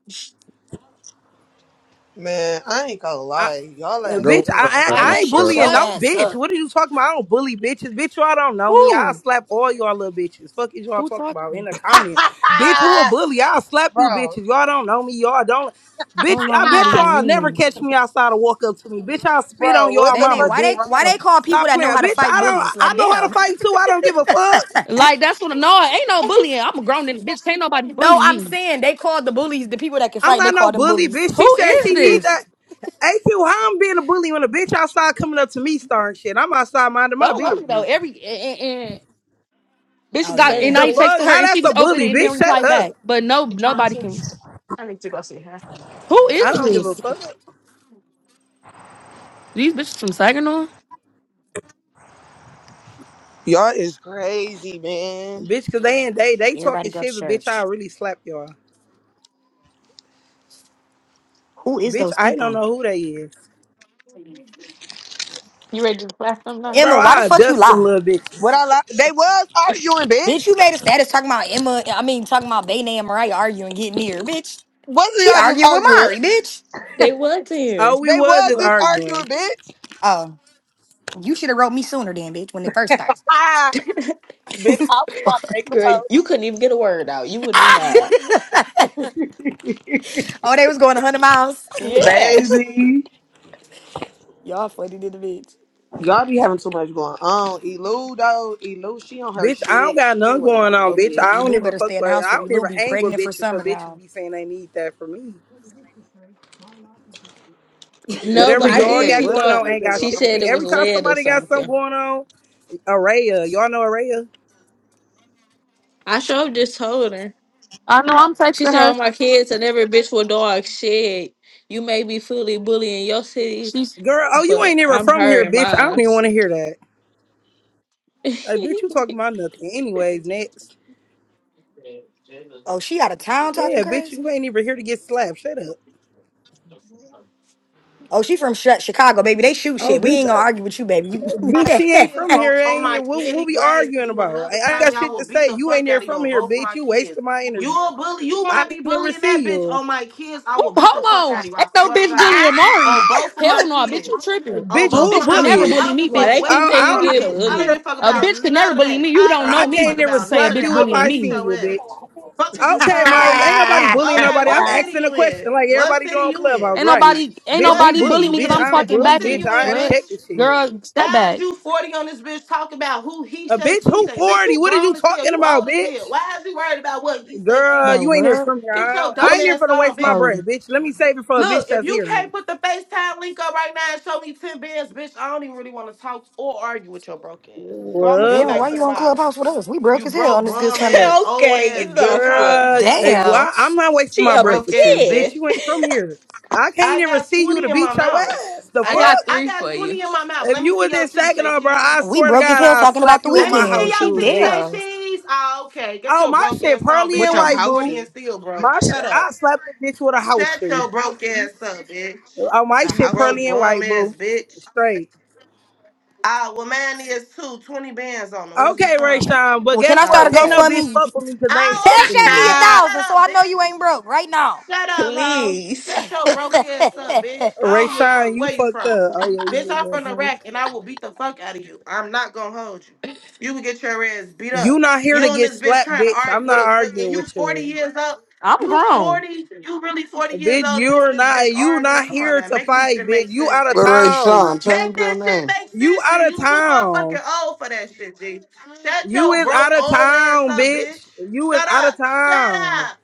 Man, I ain't gonna
I
lie. Y'all
uh,
ass
Go
bitch,
with
I, I
her,
irritating.
Like,
I
Emma,
ain't
shut
bullying
cuz.
your
what?
no
ass
bitch.
up.
What are you talking about? I don't bully bitches. Bitch, y'all don't know me.
Who?
I'll slap all y'all little bitches. Fuck is y'all
Who
talking about in
talking?
the comment. Bitch, who a
[LAUGHS]
bully? I'll slap you
bro. [LAUGHS]
bitches. Y'all don't know me. Y'all don't bitch,
Hold on,
I
I'm not
bet
even
y'all
reading.
never
them.
catch me outside or walk up to me. Bitch, I'll spit on
bro, what
y'all
the
Bayne,
mama,
fuck
why
is
they
bitch.
why they
wrong?
call people
Stop
that know
playing.
how to
Bitch,
fight
I don't
bullies?
I
Like
know how to
damn.
fight too. I don't give a fuck.
Like that's what no, ain't no
[LAUGHS]
bullying. I'm a grown nigga, bitch. Can't nobody
No,
bully
I'm
me.
saying they called the bullies, the people that can
I'm
fight, they
not no
call them
bully,
bullies.
bitch. She
Who
said
is
she need
this?
that. AQ, how I'm being a bully when a bitch outside coming up to me starting shit. I'm outside minding my
Don't love me though.
business.
Every and, and bitch
Oh
got
Doesn't
and
yeah.
The
I
sleep.
text
fuck?
to her
How
and she
that's a
just opened
bully,
it and then
bitch? Shut
replied
up.
back. But no,
You trying
nobody
to?
can.
I need to go see her.
Who
I
is
don't give a
this?
fuck.
These bitches from Saginaw.
Y'all is crazy, man.
Bitch, cause they ain't they they
Everybody
talking
go to
shit, but bitch, I
church.
really slap y'all.
Who is
Bitch,
those
I don't
people?
know who they is.
You ready to slap them now?
Bro,
Emma, why the
I
fuck you
dust them
lie?
little
What
bitches.
I like, they was
[LAUGHS]
arguing, bitch.
Bitch, you made a status talking about Emma, I mean, talking about Bayne and Mariah arguing, getting near, bitch.
Wasn't
She
y'all just
arguing with
arguing?
Mari, bitch.
They was in here.
Oh, we
They
was
was
just
just arguing,
arguing.
bitch.
Oh, you should have wrote me sooner then, bitch, when it first starts.
Ah, bitch, I was
[LAUGHS]
trying to make a
Fuck.
Girl,
post,
you couldn't even get a word out. You would have been mad.
oh, they was going 100 miles.
Yes.
baby.
Y'all funny to the bitch.
Y'all be having too much going on. Elu though, Elu, she on her
Bitch, I don't
shit.
got
She ain't
none
worried
going
about
on,
no
bitch. I
bitch.
don't
Elu
even
better stay
fuck
in the
with
house
I
for
don't
Elu
even
be
hang with
pregnant for
bitches, but
summer
bitches
now.
be saying they need that for me.
[LAUGHS]
No, but
Whatever
I
y'all
did.
Baby,
got
She
what
going
the
thought
on
fuck
ain't
is
got
she
shit.
wrong
to do-
with [LAUGHS]
said
you?
it was
Every time
lead or
somebody got something
something.
going on, Araya, y'all know Araya,
I sure just told her.
I know I'm
She
texting
said all
her.
my kids and every bitch with dog shit. You may be fully bullying your city,
She's
girl. Oh, you
but
ain't even
I'm
from
her
here,
and
bitch. I don't
mine.
even want to hear that.
[LAUGHS]
Like, bitch, you talking about nothing. Anyways, next.
Oh, she out of town talking
Yeah, bitch,
crazy?
you ain't even here to get slapped. Shut up.
Oh, she from Chi- Chicago, baby. They shoot
Oh,
shit. We
bitch,
ain't gonna argue
I,
with you, baby. You- [LAUGHS]
my
bitch, she ain't
Damn,
kids
from
on,
here.
on my
Ain't what what
daddy
we
grades, and
arguing
you will
about?
never
I, I
slap
got
me. I
shit
will
to
beat
say.
the
You ain't
fuck
here
out of you
from
on
here,
both
bitch.
my
You
kids.
wasting my
You
energy.
a bully. You
I
might
can
be
never
bullying that
see
bitch
you,
on my kids. I
Ooh,
will beat the fuck
hold
out
on.
of you.
Ain't
I
no
swear to
bitch
God.
bullying
On
Mari.
both of
Hell
my
no, bitch. You
kids.
tripping?
On
bitch.
A
both
Who
of
a
my,
bitch could
I don't
never
know.
bully?
I
bully
don't
me,
give a
Why
fuck
they
bitch.
I,
where
keep
you
saying
I
you
I
from,
don't.
get
bitch.
even
I
could.
don't
hear
bullied?
give a fuck
A
from here.
about
bitch could never
none of
bully me.
that.
You
I
don't
don't
know
I
give a
me
can't
fuck
never
to
about
say a
none
slap
of
bitch
that.
you
I
if
will
bullying
I
beat
me.
seen
your
you,
ass.
bitch.
Fuck is you
Okay,
talking
Mari.
about?
Ain't nobody
Ah!
bullying
Okay,
nobody. I'm
what city
asking a
you in?
question like
What
everybody do
city
on
you
Clubhouse,
Ain't
in?
right?
nobody, ain't
Bitch, who
What
nobody
city
bully
bully?
you
me
in?
because
Bitch,
I'm
is
I don't
bi-
talking
What
bully.
back
city
and
Bitch,
you
I
in,
am
what?
bitch?
checking shit.
Girl, step
How's
back,
you 40 on this bitch talking about who he
A
say,
bitch
she
who
say? Bitch,
40?
you
What are you
grown as hell.
talking
You
about,
old as hell.
bitch?
Why is you worried about what he say, she
Girl,
bro.
you
say?
ain't here
What?
from here.
Get
I,
your
don't- I
dumb
ain't
Who's?
here
ass
for to
on,
waste my
bitch.
breath,
Oh,
bitch. Let me save it for a bitch
Look, if
that's
you can't
here.
put the FaceTime link up right now and show me 10 bands, bitch, I don't even really want to talk or argue with your broke ass. So I'm going to go
What?
well, why
back to
you
the
on
bottom.
Clubhouse with us? We broke
You
as hell on
broke
this good
bum
[LAUGHS]
Sunday.
ass, old
Hey,
okay,
ass bitch.
enough.
I'll
sis.
beat the
Girl,
fuck
eh,
out of you.
Damn,
why? I'm not wasting
She
my
up
breath
at
Broke
with
ass
you, bitch.
10.
bitch.
You ain't from here. I can't
I
even
got
see you to
20 in my
beat your
mouth.
ass. The
I
I got
got
fuck?
I
three
got
for you.
20 in my mouth.
If
Let me
you
see
was in
your teeth. Say
Saginaw, bro, I
cheese.
we
swear to
broke as
God,
hell
I'll
talking about
slap
the
you with
Let me
my
see
house
weekend.
your
She
shoes,
teeth say
bitch.
damn.
cheese. Oh, okay. Get
Oh,
your
my
broke
shit
ass on,
pearly
bitch.
with
and
How
your
you
white,
house
40
boo.
shoes?
and still broke?
My shit,
Shut up.
I slapped the bitch with a house
Shut
shoe.
your broke ass up, bitch.
Oh, my
A
You
shit
house
broke
pearly
shoe.
and
bum
white,
ass
boo.
bitch.
Straight.
Ah, well, mine is too. 20 bands on them. What is we
Okay,
talking
Rayshawn,
about?
but
Well, can
guess
I
Ah,
start
what?
a
Can't no
okay.
bitch
GoFundMe?
fuck with me because they ain't
Oh,
Cash
stepping
[LAUGHS]
to
at me
me.
a
okay.
thousand, so
Shut up,
I know
bitch.
you ain't broke right now.
Shut up, hoe. Shut
Please.
your broke ass up, bitch. I don't
Rayshawn,
give a fuck
you
where you
fucked
from.
up. Oh, yeah, you
Bitch,
little
I'm from
little hoe.
Iraq and I will beat the fuck out of you. I'm not gonna hold you. You will get your ass beat
You
up.
not here to
You and
get
this bitch
slapped,
trying to
bitch. I'm
argue
not
with a with, and
arguing
you
with
40
you.
years old.
I'm
You
grown,
40, you really 40 years
Bitch,
old and you on
you're
this
not,
bitch
you
arguing.
not
Come on
here
now,
to
make this
fight,
shit
bitch.
make
You
sense,
out of
G.
Larry
town.
Sean, change
Make
your
this shit
name.
make
You
sense,
out
G.
of
You too
town.
motherfucking old for that shit, G. Shut
You
your
is out
broke
of
old ass
town,
up, bitch.
bitch. You is
Shut
out of
up. Shut
town.
up.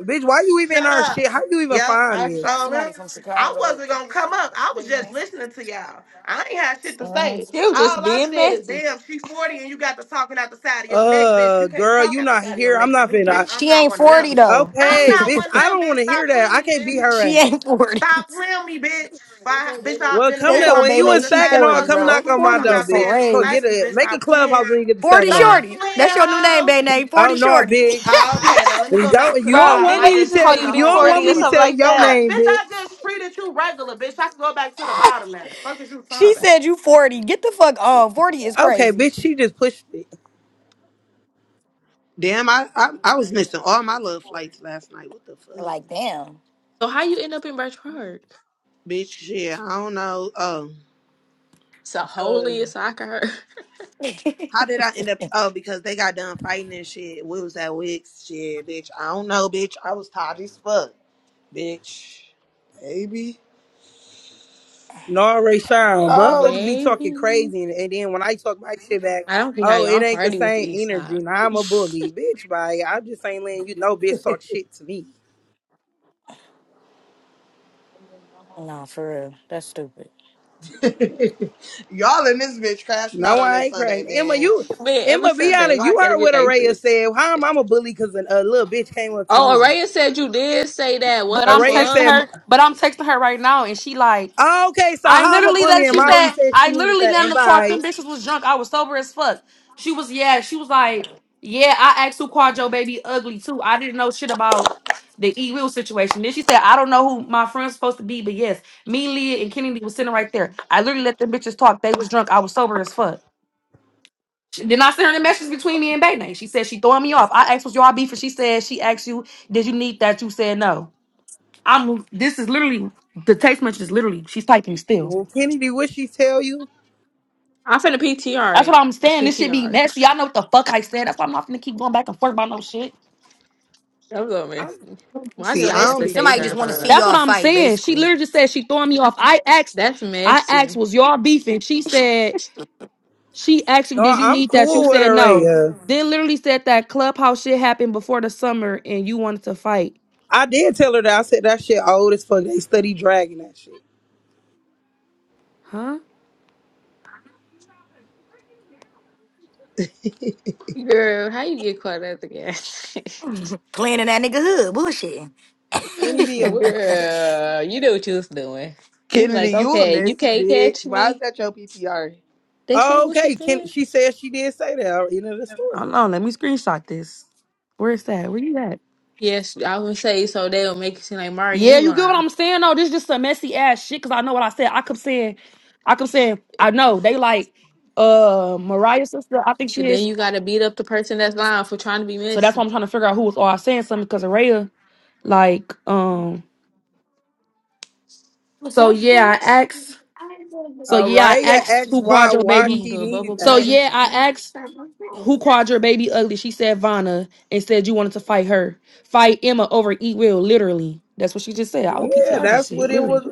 Bitch, why you even in
Shut
our shit?
up.
How you even
Yep,
find
I
[LAUGHS]
this?
saw them.
Somebody from
I
Chicago.
wasn't gonna come up. I was
They
just
nasty.
listening to y'all. I ain't had shit to say.
Mhm.
You just
All I
being
said is,
messy.
damn, she 40 and you got to talking out the side of your neck, bitch.
Uh,
You can't
girl,
talk
you
out the
not
side of your
here. I'm
neck to
not
me, bitch.
finna.
I'm
She
not
ain't
one of
forty
them.
though.
I'm
Okay,
not
bitch,
one of
[LAUGHS]
I
them,
don't
bitch.
want to hear
Stop
that.
playing
I
me,
can't beat
bitch.
her
she
ass.
ain't forty.
Stop playing me, bitch. Five, bitch, I've
Well,
been to
come
They
pay
that
told
my
when you in
Bayne
cousin
she
stacking
five
on,
forty,
bucks
come
so
bro.
knock on
quick to
my
Forty
come
door,
is
out there and
bitch. Go
crazy.
splat
get
you,
a
bitch.
make a
Stop playing.
clubhouse when you get the
40
stacking on.
Stop
Shorty.
playing,
That's your new name,
hoe.
baby name.
Oh
40
no,
Shorty. [LAUGHS]
Ah,
bitch.
Okay, now let me go back
Don't
to
you
the
don't
Bro,
bottom.
want
did
I
they
me to
used
just
to
tell
call
treated
you
you?
a
You
Big
whole
don't want
40 or
me to
regular.
something
tell you
like
your
that?
I
name,
bitch, I
bitch.
just treated you regular, bitch. I can go back to the bottom now. Fuck is you talking
She
about?
said you 40. Get the fuck on. 40 is
Okay,
crazy.
bitch, she just pushed it.
Damn, I, I I was missing all my love flights last night. What the fuck,
Like, damn.
So how you end up in Birch Park?
bitch? Shit, I don't know. Oh,
It's a hole
uh,
in your soccer.
[LAUGHS]
how did I end up? Oh, because they got done fighting and shit. We was at Wicks, shit, bitch. I don't know, bitch. I was tired as fuck, bitch. Baby.
No, Ray Sean,
[LAUGHS]
Oh
motherfuckers be
shit.
Maybe.
talking crazy, and, and then when I talk my shit back,
I don't see how
oh, it
y'all
ain't the
party with the
same
East
energy.
Side.
Now I'm a bully, bitch. Bye. I just ain't letting you know, bitch, talk shit to me.
Nah, for real. That's stupid.
[LAUGHS] Y'all in this bitch crashing out
No,
on
I
this
ain't
Sunday,
crying. Emma,
man.
you,
Man, every
Emma, be
Sunday,
honest.
why
You
it gotta
heard
be
what
like
Araya
this?
said. How am I a bully? Cause a, a little bitch came up to me.
Oh, Araya said you did say that. What
but
the
I'm
Araya
texting
fuck?
said,
her. But I'm texting her right now, and she like,
oh, okay, so
I
how am I a
literally
bully?
let.
And
She
Let me.
Mari
said,
said
I
she needed
literally
that.
let
And
them talk.
bye.
Them bitches was drunk. I was sober as fuck. She was, yeah. She was like, yeah. I asked who Quadro baby ugly too. I didn't know shit about the E Will situation. Then she said, I don't know who my friend's supposed to be, but yes, me, Leah, and Kennedy was sitting right there. I literally let them bitches talk. They was drunk. I was sober as fuck. She, then I sent her the message between me and Bay She said she throwing me off. I asked what's your beef, and she said she asked you, did you need that? You said no. I'm. This is literally the text message is literally she's typing still.
Well, Kennedy, what she tell you?
I'm finna
That's
PTR
what
it.
I'm
It's
saying. This should be
PTR.
messy. I know what the fuck I said. That's why I'm not gonna keep going back and forth about no shit.
[LAUGHS] I'm so
I'm,
messy. Why did
See,
So
I
I
have
don't
to
basically,
be
text
somebody
her
giving a
just
and
want to
find
see
out?
fuck.
That's what
y'all
I'm
fight,
saying. She
basically.
literally just said she throwing me off. I asked.
That's
I
messy.
asked was y'all beefing. She said she asked you,
no,
did you
I'm
need that? You
cool with
said no.
Araya.
Then literally said that clubhouse shit happened before the summer and you wanted to fight.
I did tell her that I said that shit old as fuck. They study dragging that shit.
Huh?
Girl, how you get caught at the gas? station?
Playing in that nigga hood, bullshitting.
Kenny
[LAUGHS]
did. What?
Girl, you know what you was doing. You was like,
Kennedy, you a
okay, you
messy
can't
bitch.
catch
Why is
me.
that your PTR?
They said what she
Okay, Kenny.
said.
She said she did say that. You know the story.
Hold on, let me screenshot this. Where's that? Where you at?
Yes, I would say so. They'll make it seem like Mari,
Yeah,
you
you get what
lying,
I'm saying? No, this just some messy ass shit. Cause I know what I said. I kept saying, I kept saying, I know they like uh Mariah's sister. I think
and
she
then
is.
you gotta beat up the person that's lying for trying to be
So that's
messy.
why I'm trying to figure out who was all saying something. Cause Araya, like, um.
What's
So
up,
yeah, I
folks?
asked. So yeah, I
Araya
asked
asked
who
why
Quadro
why
You
baby.
want to
she
do a
needed
bubble
So
that.
party?
yeah, I asked. who called your baby ugly? She said Vanna and said you wanted to fight her. Fight Emma over E Will, literally. That's what she just said. I will
Yeah,
PTR this
that's what
shit,
it
literally.
was.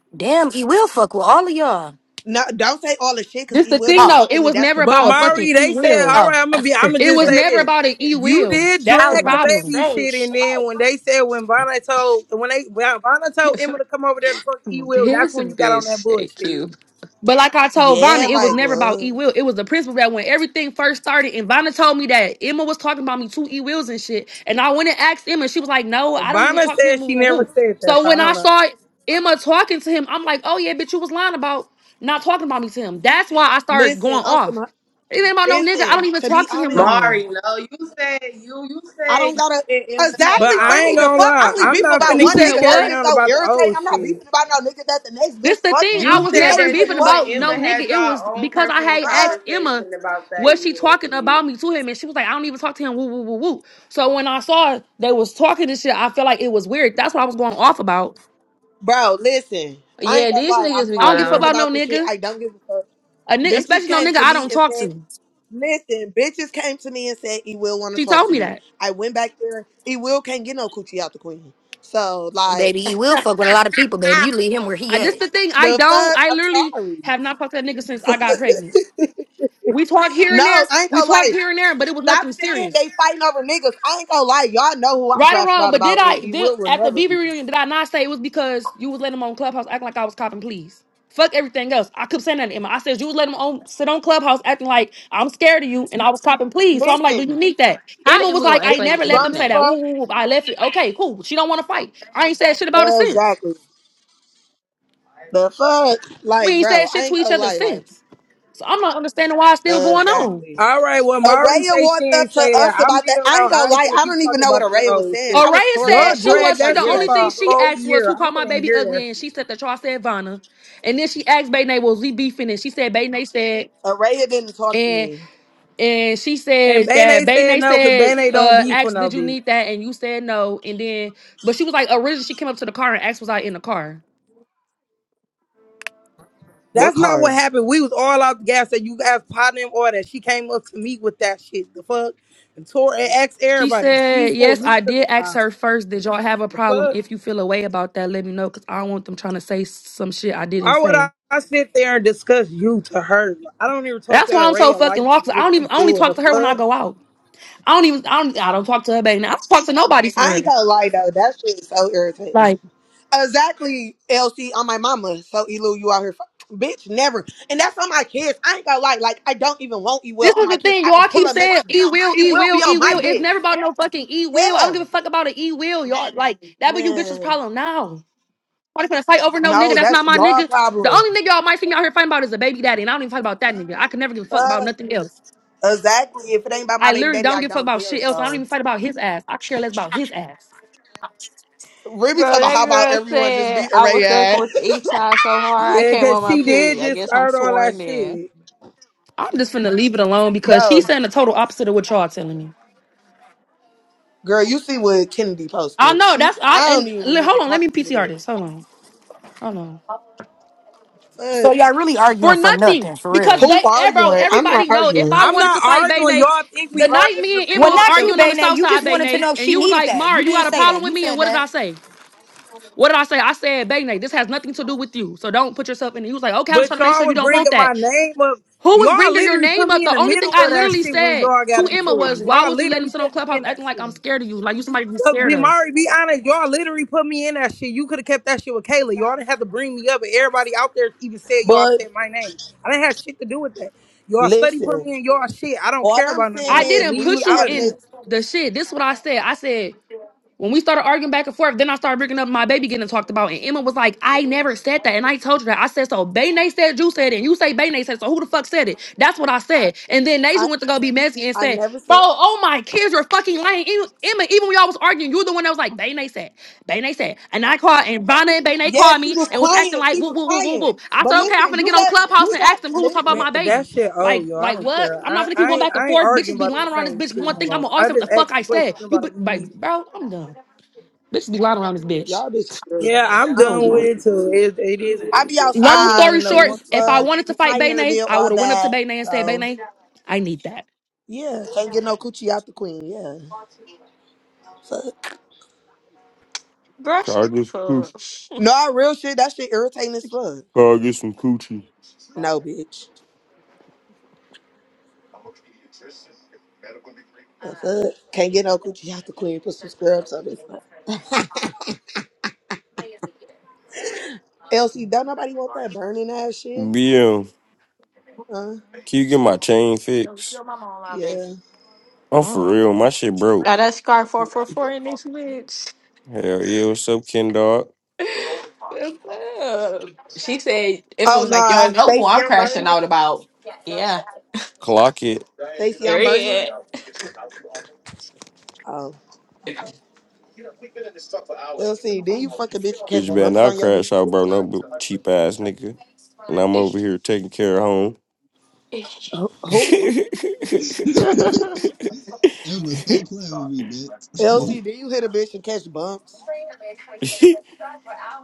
[LAUGHS] Damn, he will fuck with all of y'all.
No, don't say all the shit because
This
E
the
will
thing
don't
Oh,
though.
fuck with
It
me.
was
That's
never
the
But
about a
problem.
fucking
Mari,
E
they said,
Will.
all
oh.
right, I'm
[LAUGHS]
gonna be. I'm gonna
It
just
was
say
never
this.
about an E
You
Will.
did
That's
I
the
was
drag the
about to
problem.
baby
say
shit, and
shit.
then when they said when Vanna told when they when Vanna
[LAUGHS]
told
this
Emma to come over there to talk to E Will, that's when you got on that
bitch, shake
bullshit.
you.
But like I told Vanna,
Yeah,
it was
like
never about E
what?
Will. It was the principle that when everything first started, and Vanna told me that Emma was talking about me to E Wills and shit. And I went and asked Emma, and she was like, No, I don't even
Vanna
talk to him.
said
Woo,
she
woo,
never
woo.
said that,
So
so I
when I
don't know.
saw Emma talking to him, I'm like, Oh yeah, bitch, you was lying about not talking about me to him. That's why I started
Listen,
going
I'm
off.
some.
It ain't about no nigga. I don't
Listen,
even
to be
talk to him no
honest,
more.
Mari, no, you said you you
I don't
said you
gotta
and Emma had
But
exactly
your
I
Remy
ain't
own
the
gonna
fuck. I
personal
lie,
only
I'm
beef
not
about
You
finna
conversation.
one
said
keep
nigga. That's
what?
carrying
just
on
so
about the
irritating.
old
I'm not
shit.
beefing about no nigga that the next
This
bitch
the thing.
fucking.
I
You
was
He
said
can't
never
that
even
beefing
too,
fuck
and
about
Emma
no
me.
nigga.
had
It was
your own
because I
personal
had
Fuck,
asked Emma,
conversation about that
was she
evil
talking
shit.
about me to him? And she was like, I don't even talk to him. Woo woo woo woo. So when I saw they was talking this shit, I felt like it was weird. That's what I was going off about.
bro. Listen, I ain't
Yeah, these
gonna lie. I'm
niggas be
I don't
tired of
give a fuck
hearing
lying.
about no
about this shit.
nigga.
I don't give a fuck.
A nigga,
Bitches
especially no
came
nigga
to
I
me
don't
and
talk
said
to.
Listen, bitches came to me and said, "E will want to
She
talk
told
to
me
you."
that.
I went back there. E will can't get no coochie out the queen. So like,
Baby,
[LAUGHS]
he will fuck with a lot of people, baby. You leave him where he
I this
at.
the thing. I
the
don't.
fuck?
I
I'm
literally
sorry.
have not talked to that nigga since I got pregnant. We talk here and
No,
there.
I ain't
We
gonna
talk
lie.
here and there, but it was
Stop
nothing
saying
serious.
they fighting over niggas. I ain't gonna lie. Y'all know who I'm
Right or
crashing
wrong,
out
but did
about, and
I
E
did
will will
at the
never
BB
be.
reunion? Did I not say it was because you was letting them on Clubhouse acting like I was copping? Please, fuck everything else. I kept saying that to Emma. I said you was letting them on sit on Clubhouse acting like I'm scared of you, and I was copping. Please, so I'm like, do
Listen,
you need that?
How
Emma
am
was
I
listen,
like,
gonna
I
act like
bitches
never let them
grown as
say
anything?
that.
fuck.
Woo, woo, woo. I left it. Okay, cool. She don't want to fight. I ain't said shit about it since.
Exactly. The fuck,
We
like,
ain't said
bro, I
shit to
ain't
each
gonna
other
lie. Like,
since. So I'm not understanding why it's still going on.
exactly.
All right, well, Mari
Araya
say she
walked up
ain't
to
say that.
us
I'm
about that.
leaving it
I ain't
alone.
gonna
I ain't
lie,
finna
I
keep
don't even
talking
know what
about that
Araya was
old
saying.
shit.
I was
Araya
tore
said
Y'all
up. I
she
wasn't
dragged
was
trying
she
that
to
the
hear
shit
only
that
for
thing
a
shit.
she
whole
asked was
year.
who
I don't
called my
wanna
baby
hear that
ugly and
shit.
she said that y'all said Vanna. And then she asked Bay Nay, was we beefing? And she said Bay Nay said
Araya didn't talk to
and
me.
and she
And
said that
Bane
Bay
said
Nay
no, cause
said
Bane don't
uh
be for
asked
no
did you
bitch.
need that and you said no and then but she was like originally she came up to the car and asked was I in the car.
What
That's not
car?
what happened. We was all out the gas that you guys potting in order. She came up to me with that shit. The fuck? And tore and asked
She
everybody. She
said
pulled
yes I
me to
did
the
ask
side.
her first did y'all have a
The
problem
fuck?
if you feel away about that let me know because I don't want them trying to say some shit I didn't
Why would I,
say.
I sit there and discuss you to her? I don't even talk
That's
to
why I'm so
Araya
fucking
like
lost.
that,
I
but
don't
she
even I only
cool
talk
the
to her when I
fuck.
go out. I don't even I don't I don't talk to her back now. I don't talk to nobody for
I ain't
real.
gonna lie though, that shit is so irritating.
Like
Exactly, LC on my mama. So Elu, you out here, fu- bitch, never. And that's on my kids. I ain't gonna lie, like I don't even want E will
this
on
was
my
the
kids.
thing.
I can
Y'all
pull
keep
up next
saying
to it.
e will,
He
e
will
will,
be
e
on my
will. It's
dick.
never about no fucking e will. I don't give
Yeah,
a fuck about an e will. Y'all like that be you bitches
man.
problem now. Party finna fight over no nigga.
No,
That's
that's
not my
your
nigga. The
problem.
only nigga y'all might see me out here fighting about is a baby daddy, and I don't even fight about that nigga. I could never give a fuck about
Uh,
nothing else.
exactly. If it ain't about my
I
baby
literally
daddy,
don't
I
give a fuck
don't
about
care.
shit else. I don't
So.
even fight about his ass. I could care less about his ass.
Remy talking
Bro,
about
that
how about
girl
everyone just
said
beat
I was
Ray
thugging
ass.
with the
[LAUGHS]
east side so hard I
Yeah,
came
cause
on my
she did
period. I
just
guess I'm
start all that
sworn in.
shit.
I'm just finna leave it alone because she's
Bro,
saying the total opposite of what y'all telling me.
girl, you see what Kennedy
I
posted.
know
She
that's I
I don't
and
even
li-
remember
hold on, let me
talking to the bitch.
PTR this. Hold on. Hold on.
But
So y'all really arguing
for
for
nothing.
nothing, for real.
Because
who
they, eh, bro,
arguing? I'm not
everybody know if
arguing.
I
I'm
wanted
not
to fight Bay
arguing.
Nay,
Y'all think we
the night
arguing
me
because
and
we
Emma
Well,
was
not
talking
you,
arguing on the
loud.
Bayna.
south
You
side,
just
Bay
wanted to
Nay,
know if
and
she
you was
needed
like,
that.
Mara,
You
you got
did
a
say
problem
that.
with
You
me? And
said
what did
that.
I say? What did I say? I said, Bay Nay, this has nothing to do with you. So don't put yourself in it. He was like, okay, I'm just
But
trying to make
y'all
sure you
was
don't want
bringing
that.
my name up.
Who was
Y'all
bringing your
literally
name
put
up?
me in
The
the
only thing
middle
I
of that
literally
shit when
said
y'all got
to Emma
into
was,
it.
why
Y'all
was you letting him
literally
sit on
put me
Clubhouse
in that
acting like I'm
shit.
scared of you? Like you somebody to be scared
be
of.
Mari, be honest, y'all literally put me in that shit. You could have kept that shit with Kayla. Y'all didn't have to bring me up. And everybody out there even said y'all
But
said my name. I didn't have shit to do with that. Y'all study put
listen,
me in y'all shit. I don't
all
care
I'm
about none of
saying
I
that shit.
is
didn't
Leave
we
me
put
was
you
out of
having it.
that.
in the shit. This is what I said. I said, When we started arguing back and forth, then I started bringing up my baby getting talked about, and Emma was like, "I never said that," and I told her that. I said so. Bayne said you said it, and you say Bayne said so. Who the fuck said it? That's what I said. And then
I
Nasia went to go be messy and
I
said,
never
"Bro,
said
oh my kids are fucking lying." Em- Emma, even when y'all was arguing, you were the one that was like, "Bayne said." Bayne said, and I called, and Vanna and Bayne
Yeah,
called
she
me
was
and was acting
quiet.
like
She
whoop,
was
whoop, whoop, whoop,
quiet.
whoop. I
But
said, okay, I'm
listen,
gonna
you
get on
got
Clubhouse
you
and
got
ask them who's talking about
Man,
listen.
my baby.
that shit Oh,
Like,
yo. I
like
don't
what?
care.
I'm not
I,
gonna keep
I
going
ain't
back and
I ain't
forth.
arguing
Bitches be
about the
lying around this
same
bitch.
shit
One
no
thing I'm gonna
more.
always
I
say what the
just
fuck
asked
I
a question
said. You bi-
about you need.
like, bro, I'm done. Bitches be lying around.
Y'all bitches. crazy.
Yeah, I'm
I don't
done
give a
with
fuck.
it too. It, it is what
I
it
be
is. I just
Long
wanted
outside,
to
story
know
cute
short,
as
one
if I
fuck.
thing.
wanted to
Keep my
fight
hair
Bayne,
did
I
all
would have went up to
that.
Bayne and said,
So
Bayne, I need that.
Yeah, can't get no coochie out the queen. Yeah, fuck.
Bro,
Can I
shut
get some coochie?
up.
No, I real shit. That shit irritating as fuck.
Can I get some coochie?
No, bitch. The fuck. Can't get no coochie out the queen. Put some scrubs on this. fuck. LC, don't nobody want that burning ass shit.
BM,
Huh?
can you get my chain fixed?
Yeah.
I'm
Mhm.
for real. My shit broke.
Now that scar four four four in this bitch.
Hell yeah, what's up, Ken Dog?
[LAUGHS] she said Emma
Oh
was like, Y'all
no,
know who
Stacy,
I'm
I'm
crashing
burning.
out about. Yeah.
Clock it.
Stacy, I'm burning.
Period.
Oh, okay. LC, then you fuck a bitch and
Bitch
catch
better
bumps
not
on your dick.
crash out, bro. No bu- cheap ass nigga. And I'm over
[LAUGHS]
here taking care of home.
Who? who?
Emma, stop playing with me, bitch.
LC, then you hit a bitch and catch bumps.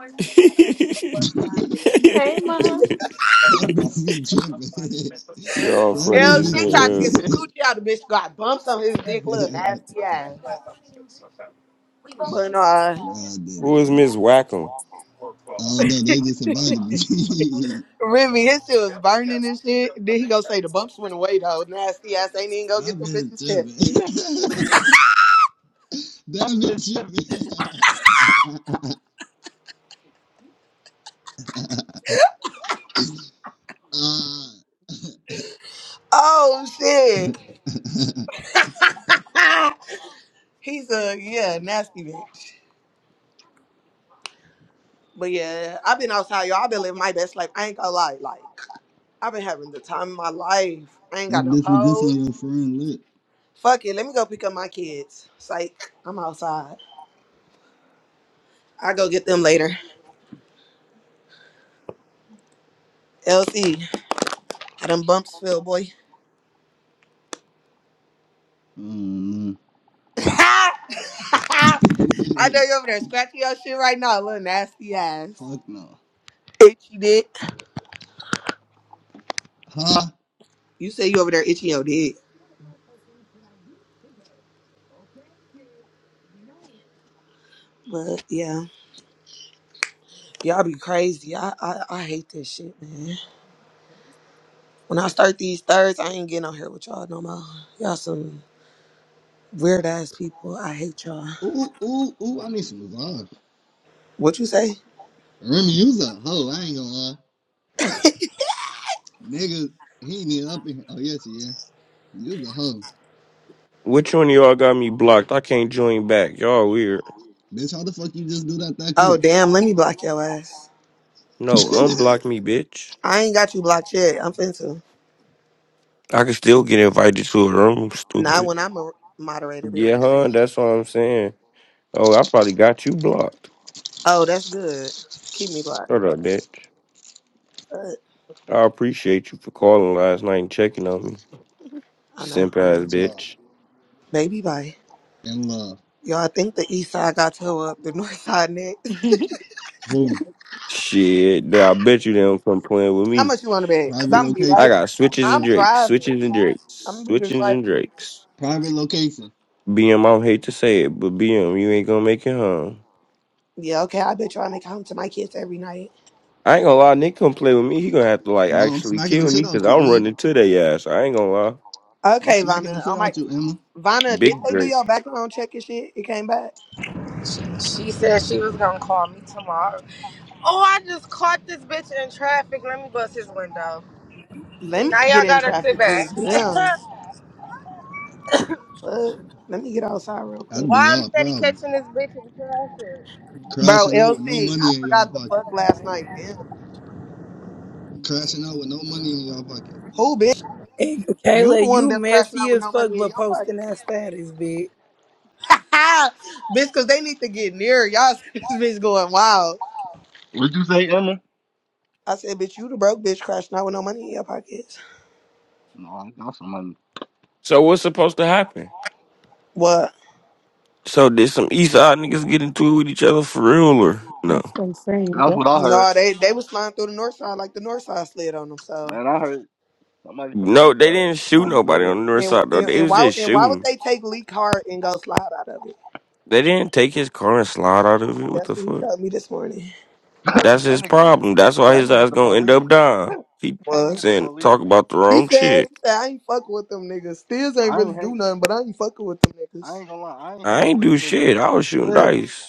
[LAUGHS]
[LAUGHS]
Hey mom.
that bitch be tripping. [LAUGHS]
Y'all
that bitch
funny
be
as
LC tried to get
hell.
some
tripping.
coochie out of the bitch, got bumps on his dick,
[LAUGHS]
little nasty ass. But uh,
no, I did it.
Who is Miss Wackham?
Oh no, they just invited me. [LAUGHS]
Remy, his shit was burning and shit. Then he go say the bumps went away though. Nasty ass ain't even go get
I've
them
been
bitches
tripping.
tested.
[LAUGHS] I've been tripping. [LAUGHS] uh,
Oh shit.
[LAUGHS]
[LAUGHS] He's a yeah nasty bitch. But yeah, I've been outside, y'all. I've been living my best life. I ain't gonna lie. Like I've been having the time of my life. I ain't
this
got no
bitch was just on
hoes.
your friend lip.
Fuck it. Let me go pick up my kids. Psych. I'm outside. I go get them later. LC. How them bumps feel, boy?
Oh no.
[LAUGHS] I
[LAUGHS]
know you over there scratching your shit right now, little nasty ass.
Fuck no.
Itchy dick.
Huh?
You say you over there itching your dick. But yeah, y'all be crazy. I, I I hate this shit, man. When I start these thirds, I ain't getting on here with y'all no more. Y'all some weird ass people. I hate y'all.
Ooh, ooh, ooh, I need some resolve.
What you say?
Remy, you's a hoe. I ain't gonna lie.
[LAUGHS]
Nigga, he ain't even up in here. Oh, yes, yeah. You's a hoe.
Which one of y'all got me blocked? I can't join back. Y'all weird.
Bitch, how the fuck you just do that that
Oh
quick?
damn, let me block your ass.
No, unblock
[LAUGHS]
me, bitch.
I ain't got you blocked yet. I'm finna.
I can still get invited to a room,
Not
stupid.
when I'm a moderator, bitch.
Yeah, huh? That's what I'm saying. Oh, I probably got you blocked.
Oh, that's good. Keep me blocked.
Shut up, bitch.
But
I appreciate you for calling last night and checking on me.
I know.
Simp
Look
ass
at y'all.
bitch.
Baby bye.
In love.
Yo, I think the east side got towed up, the [LAUGHS] north side next.
Who?
Shit, now I bet you they don't come playing with
How
me.
much you want to bet? Because
Private
B-
I'm be
I
right.
location.
got switches and
I'm
drakes,
driving.
switches and
I'm
drakes,
going to be the
switches and
driver.
drakes.
Private location.
BM, I don't hate to say it, but BM, you ain't gonna make it home.
Yeah, okay. I bet y'all make home to my kids every night.
I ain't gonna lie, Nick come play with me. He gonna have to like
No, I'm
actually
smacking the
kill
shit
me because
out you,
I'm
Emma.
running to their ass. I ain't gonna lie,
I'm
Okay,
smacking the
Vanna.
shit
Oh, my.
out you, Emma.
Vanna, did
big
they do
break.
your background check and shit? It came back?
She said she was gonna call me tomorrow. Oh, I just caught this bitch in traffic. Let me bust his window.
Let
See,
me
now
get
y'all
in
gotta sit
traffic,
back.
because damn.
[LAUGHS]
Fuck. Let me get outside real quick.
That'd be
Why I'm
y'all
steady
problem.
catching this bitch in traffic?
Bro,
Crashing out with no
LC, I
money in y'all
forgot the
pocket.
fuck last night. Damn.
Crashing out with no money in y'all pocket.
Who, bitch?
And
You the
Kayla,
one
you
that's crashing
messy
out with
as
no
fuck
money in
for
your
posting that status, bitch.
pocket. [LAUGHS] bitch, because they need to get near. Y'all, [LAUGHS] see this bitch going wild.
What'd you say, Emma?
I said, bitch, you the broke bitch crashing out with no money in your pockets.
That's somebody.
So what's supposed to happen?
What?
So did some East Side niggas get into it with each other for real or no?
That's what I'm saying.
I heard,
No, they they was flying through the north side like the north side slid on them. So
man. I heard somebody from the
No,
east
they
side
didn't shoot
got
nobody
into it.
on the North
and
Side though.
and,
They
and
was
why
just
and why would
shooting.
they take Lee Hart and go slide out of it?
They didn't take his car and slide out of it. What
That's
the
what he
fuck?
told me this morning.
That's
That
his
nigga be.
problem. That's why
That
his
nigga's
ass
the
gonna end
police.
up dying. He
That
What?
nigga's the
saying
police.
talk about the
He
wrong
said,
shit.
he said I ain't fucking with them niggas. Steals ain't
I
really
ain't
do
hang.
nothing, but I ain't fucking with them
I
niggas.
ain't gonna lie. I ain't
I
hanging
ain't
with
do
Stiz. If
shit. I was shooting
Stiz,
dice.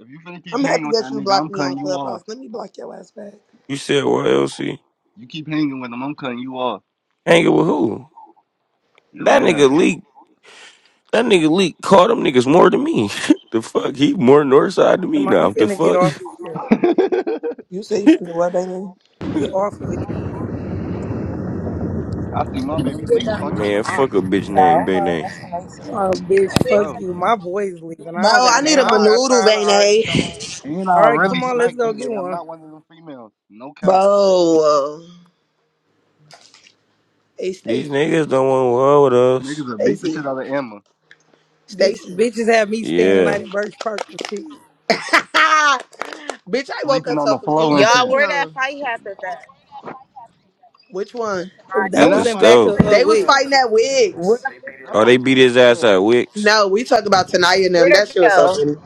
if you finna keep
I'm
hanging
happy
with
that
that
you
nigga,
blocked
I'm
me on
cutting you off.
Clubhouse. Let me block your ass back.
You said what, LC?
You keep hanging with him, I'm cutting you off.
Hanging with who?
Yo,
That
man.
nigga leak. That nigga leak caught them niggas more than me. [LAUGHS] the fuck? He more north side than me
Am I- I'm
now. The
finna get
fuck?
off of here.
[LAUGHS]
You say you finna what, Bane?
Get off of here.
I see my baby Leak talking to the
Man,
aunt.
fuck a
I
bitch named
don't
Bay
know.
Name.
That's what I
Oh,
said.
bitch,
Um,
fuck
bro.
you. My boy's leaving. I
Bro,
don't
I
got. no,
need a
And
I don't
I
got
manoodle,
time to argue no
Bane.
more.
and
All
I
right,
really
come on, let's
smack
go
bang
get
I'm
one.
not one of them females. No cap.
Bro, hey Stacy,
These niggas don't want war with
Niggas
us.
will beat the shit
Stacy,
out of Emma.
Bitch,
Stacy.
bitches had me staying the
Yeah.
night in Birch Park and shit.
[LAUGHS] Bitch, I woke
Sleeping
up
on
so
the floor
confused.
and
Take
Y'all,
shit.
me
where that
home.
fight happened at?
Which
With
one?
Oh,
tonight?
that
Man,
At the
was
that
in
fight was
back
stove.
of
weak
uh
They
as
was
wait.
hell.
fighting at
What?
Wigs.
That
Oh,
fight
they
was
beat
weak
his
as
ass at
hell.
Wicks.
No, we talk about Tanaya and them.
Where'd
That
it
shit was so funny.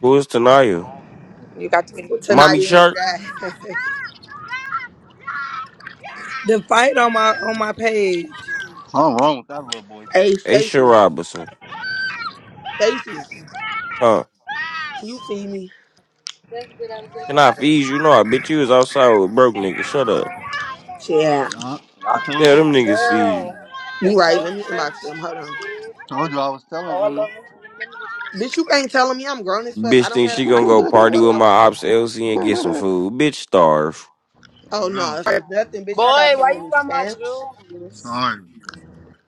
Who is Tanaya?
You got to be
Mommy
Tanaya and
Shark?
that. [LAUGHS]
The fight on my on my page.
Something wrong with that little boy.
hey,
Aisha
Stacy.
Robinson.
Stacy,
Huh.
can you feed me?
Can I feed you? No, I bet you was outside with broke niggas. Shut up.
Yeah.
Yeah,
That's
I told
Tell
you.
them niggas feed you.
girl. They
You right.
cold
Let me
today.
inbox them. Hold on.
Told you I was telling
All of
Emma.
them.
Bitch, you can't telling me I'm grown as fuck. I
Bitch
don't
think
have
she
I
gonna
can
go
do what the
party
fuck
with
I
my
wanna do.
ops LC and get some food. Bitch starve.
Oh
Um,
no,
bro,
it's like nothing, bitch. I got
Boy,
so
why you
many
got my
stamps.
jewels?
sorry.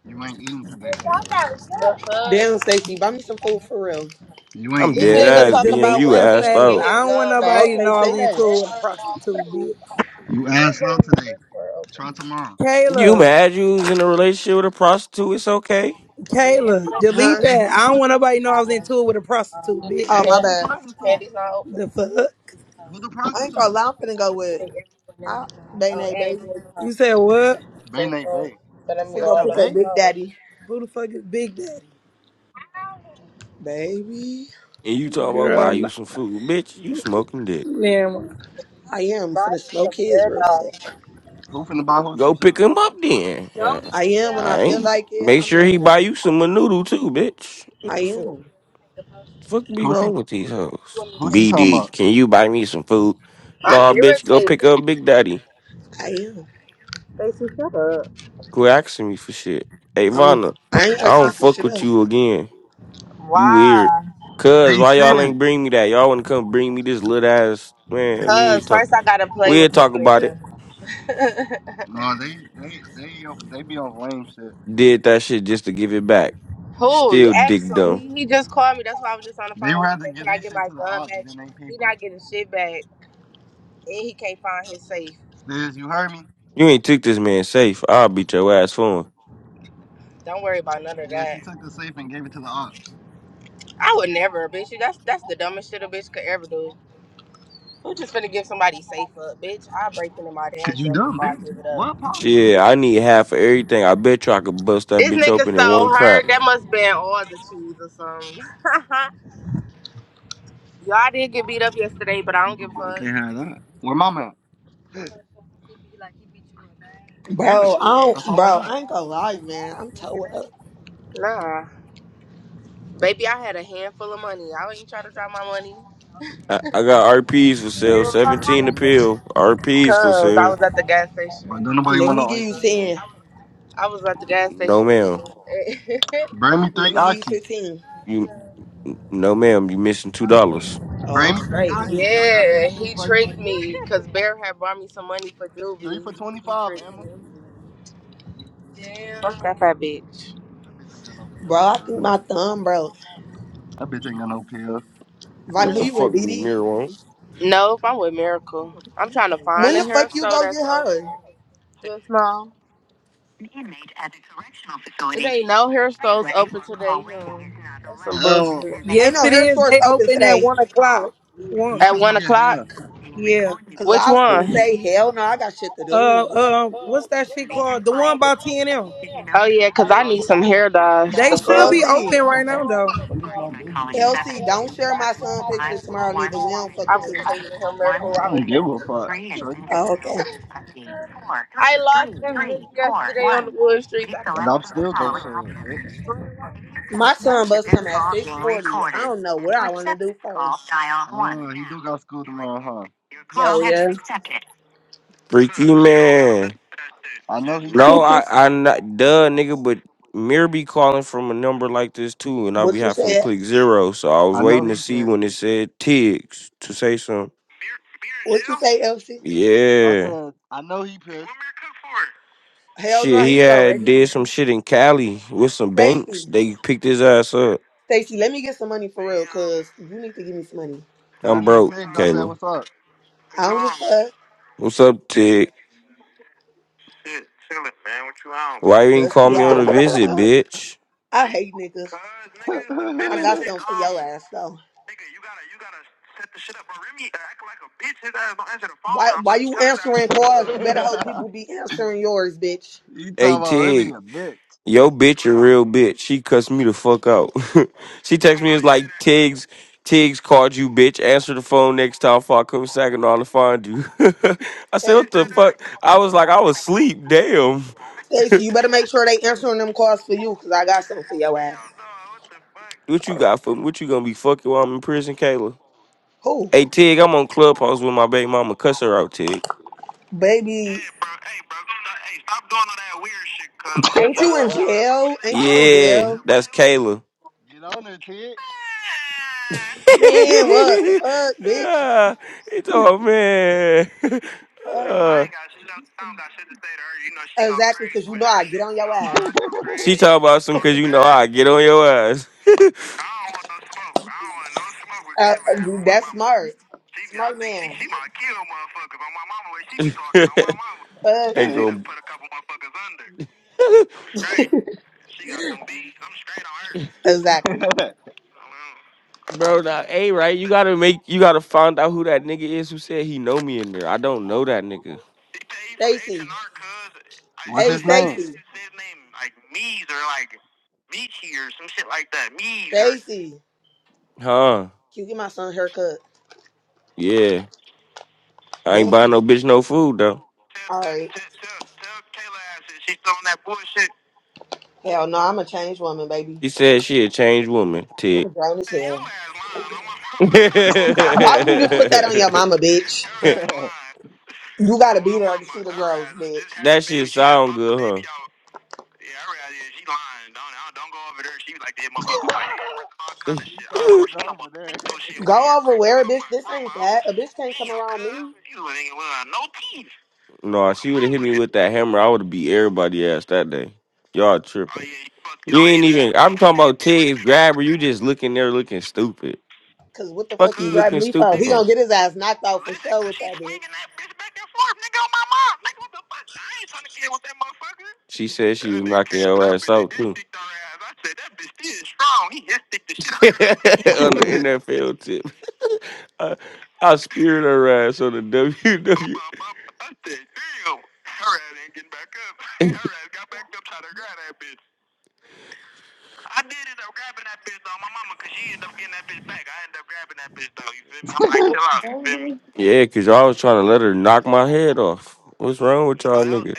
You ain't eating today.
The fuck?
Damn, Stacy, buy me some food for real.
You ain't
I'm
This
eating
dead
nigga
today.
ass,
Kayla,
talk
BM.
about
delete
You
when can
that
assed
he
status.
get
out.
his
I don't want
gun
Oh,
back.
nobody to
okay,
know I
Bitch,
say
was into
that.
it with a
never.
prostitute, bitch.
You
You is
ass
the
out
one
today.
that's for open.
Try tomorrow.
You
Kayla,
mad you was in a relationship with a prostitute, it's okay.
Yeah,
Kayla,
everybody.
delete
Huh?
Hey,
that.
who the
I don't want nobody to
prostitute?
know I was into it with a prostitute,
You think
Oh
bitch.
Hey,
my
who the
candy,
bad.
prostitute?
candy's not open?
The fuck?
Who the
I ain't gonna
prostitute?
lie, I'm finna go with I Bane,
And
baby.
You said what?
Just
Bay Nate
uh,
Bay.
I
better me
finna
That's
go
your
all
pick
of
up
them
bae?
Big
go.
Daddy.
Who the fuck is Big Daddy?
Baby.
And you talking about buy
Girl,
you
no.
some food. Bitch, you smoking dick.
Damn.
I am
Buy
finna
me
slow
some
kids
hair
real quick.
I'm Gonna buy her some
Go
shoes.
pick him up then.
dye.
Uh,
I am when I
I
feel
ain't
like it,
make
I'm
sure he
laying
buy
down.
you some noodle too, bitch. What
I
the fuck?
am.
Fuck be
Who she
wrong with these hoes.
who she talking
BD,
about?
can you buy me some food?
I'm
Nah, bitch, go
irritated.
pick up Big Daddy.
I am.
Stacey, shut up.
Quit asking me for shit. Hey,
I'm
Vonna,
I ain't
I
Huh?
don't
asking for
fuck
shit
with
up.
you again. You weird.
Why?
Cuz,
Hey
why y'all
Steve.
ain't bring me that? Y'all wanna come bring me this little ass. Man, we ain't
Cause
talk.
first I gotta play
We
with
ain't
this
talk about it.
nigga. [LAUGHS]
No, they they they they be on lame shit.
Did that shit just to give it back.
Who? You
Still
asked
dick
him.
dumb.
He, he just called me. That's why I was just on the
They
phone. He
rather
said,
give
"Can I
their
get
shit
my
to the
gun
ops
back?"
than they
He
people.
not getting shit back, and he can't find his safe.
Stiz, you heard me?
You ain't took this man safe. I'll beat your ass for him.
Don't worry about none of
Yeah, she
that.
took the safe and gave it to the ops.
I would never, bitch. You that's that's the dumbest shit a bitch could ever do. Who just finna give somebody safe up, bitch? I break into my
Cause
damn
you
self
dumb,
before I
bitch.
give it up.
What, pa?
Shit, I need half of everything. I bet you I could bust that
This
bitch
nigga
open in
so
one
her.
crack.
That must been all the cheese or something. [LAUGHS] Y'all did get beat up yesterday, but I
You
don't give a fuck.
can- not have that. Where mom at? Get it.
Bro, I
Yeah.
That's
don't
all I
bro,
got.
I ain't gonna lie, man. I'm toe up.
Nah. Baby, I had a handful of money. I ain't trying to drop my money.
I, I got RPs for sale, 17 a pill. RPs for
Cause I
sale.
was at the gas station.
But don't
I was
nobody
Let
want
me
talking
no
give
IP,
you
to him.
gang.
ten.
I was at the gas
No,
station and
ma'am.
shit.
Bring me
Let
three
me give you
oxys.
fifteen.
You No, ma'am, you missing two dollars.
Oh,
Bring
I'm
me three
straight.
[LAUGHS]
oxys. I got
yeah,
15
he
for you.
tricked me. Cause Bear had brought me some money for
Three
juvie.
for
He
25,
tricked me.
Emma.
Damn. Fuck that fat bitch.
That bitch ain't got no
Bro,
pills for
I think
real.
my thumb, bro.
That bitch no pills.
Vonnie,
What
who
the
you
fuck
with,
do
DD?
Mirror want?
Nope, I'm with Miracle. I'm trying to find
When
a
the
hair
fuck you
store
go
that's
get her?
open. Just mom. It ain't no hair stores open today. Huh? That's some
Oh.
bullshit.
Ain't
Yes,
no
it
hair
is.
stores
They
open
open at
today.
one o'clock.
Who
One.
At
trying to
one
get
o'clock.
high?
Yeah.
Cause
Which
I was
Who?
gonna
one?
say, hell no, I got shit to
Uh,
do.
uh, what's that shit called? The one by T and M.
Oh yeah, cause I need some hair dye.
They
The
should be
fuck.
LC,
open right now, though.
I
LC, don't share my son pictures tomorrow neither. We don't fuck
I
with
was
you.
taking him miracle. I was
don't give a
taking.
fuck, shorty.
Oh, okay.
I lost this bitch yesterday on the wood streets. I
And I'm
cannot. Go.
still gonna share it, bitch.
My son bus come at six forty. I don't know what I want to do first.
Uh, he do got school tomorrow, huh?
Yo, yeah.
Freaky man.
I know he
No,
pissed.
I I not duh nigga, but Mirror be calling from a number like this too, and I
What
be
you
having to
said?
click zero. So I was
I know
waiting to
he
see
pissed.
when it said Tiggs to say something.
What you say, LC?
I
Yeah.
said, I know he pissed.
Hell
Shit,
no,
he
he's
had
already.
did some shit in Cali with some banks.
Stacy,
They picked his ass up.
Stacy, let me get some money for real, cause you need to give me some money.
Cause that
I'm
nigga
broke,
text, I said,
Kayla.
what's up?
I don't give a fuck.
What's up, Tig? Why you ain't call
Dusty,
me on
yeah.
a visit, bitch?
I hate niggas.
[LAUGHS]
I got something for your ass though. Why why you answering calls? You better hope people be answering yours, bitch.
he talking
Hey,
about Remy
Tig.
a bitch.
Yo, bitch, a real bitch. She cussed me the fuck out. [LAUGHS] she texted me, it's like, Tiggs, Tiggs called you, bitch. Answer the phone next time before I come to Saginaw to find you. [LAUGHS] I said, what the
Stacy,
fuck? I was like, I was asleep. Damn.
Stacy, you better make sure they answering them calls for you, cause I got something for your ass.
What you got for me? What you gonna be fucking while I'm in prison, Kayla?
Who,
Hey, Tig, I'm on Clubhouse with my baby mama. Cuss her out, Tig.
baby? Ain't you in jail? Ain't you in
Yeah,
jail?
that's Kayla.
Get on there, Tig.
Man, what the fuck, bitch?
yeah, he told man. I Uh, ain't
Fuck.
got
Exactly, cause you know I get on your ass.
she talk about some cause you know I get on your ass. [LAUGHS]
Uh, uh, that's smart, smart man.
[LAUGHS]
Fuck.
Ain't gonna going under.
Exactly.
[LAUGHS]
[LAUGHS] Bro, now, hey, right? You gotta make, you gotta find out who that nigga is who said he know me in there. I don't know that nigga.
Stacy,
what's
hey
his name?
Stacy, Stacy,
Huh?
can you get my son a haircut?
Yeah. I ain't
Bitch.
buying no bitch no food
All right. Hell no, I'm a changed woman, baby.
She said she a changed woman, Ted. Hey,
I'm grown as hell.
[LAUGHS]
Why would you just put that on your mama, bitch?
that
You gotta be there to see the girls, bitch.
shit sound good, huh?
He talking about the golfer there. [LAUGHS]
Go over where, bitch. This ain't that. A bitch can't come around me.
no, she would have hit me with that hammer, I would have beat everybody ass that day. Y'all Oh tripping. ain't even. I'm talking about Ted grabber. You just looking there looking stupid.
Cause what the fuck
Fuck
he
you
grabbing
looking
me for?
stupid
He
for?
gonna get his ass knocked out for sure with that bitch.
She said she was knocking your ass out too. [LAUGHS] on the NFL tip. I, I speared her ass on the WW. [LAUGHS] Yeah, cause y'all was trying to let her knock my head off. What's wrong with y'all niggas?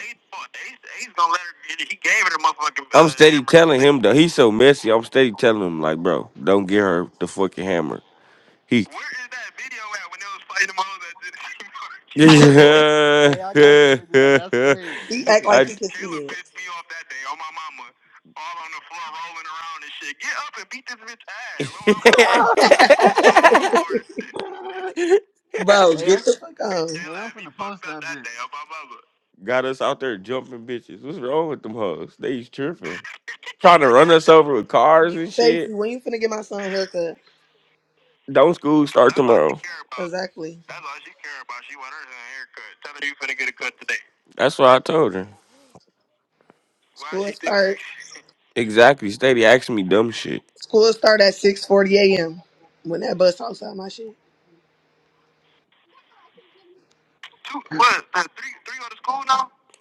I'm steady telling him though. He's so messy. I'm steady telling him like, bro, don't get her the fucking hammer. He Where is that video at when they was fighting them hoes at
hey, I
Genesee
got the
[LAUGHS]
video.
Market?
That's
yeah. [LAUGHS]
crazy. [LAUGHS]
He act
hey,
I
like he
Caleb
could see
pissed me off that day on my mama. All on the floor rolling around and shit. Get up and beat this bitch ass on my mama. [LAUGHS] On my mama
it.
hard
[LAUGHS] Bro,
shit.
get
I'm,
the fuck on.
hey, I'm finna post that bitch.
got us out there jumping bitches. What's wrong with them hoes? They tripping, trying to run us over with cars and
Stacy,
shit.
when you finna get my son a haircut?
Don't school start That's all they tomorrow? care about.
Exactly.
That's what I told her.
School start.
Exactly. Steady asking me dumb shit.
School start at 6:40 a.m. When that bus outside my shit.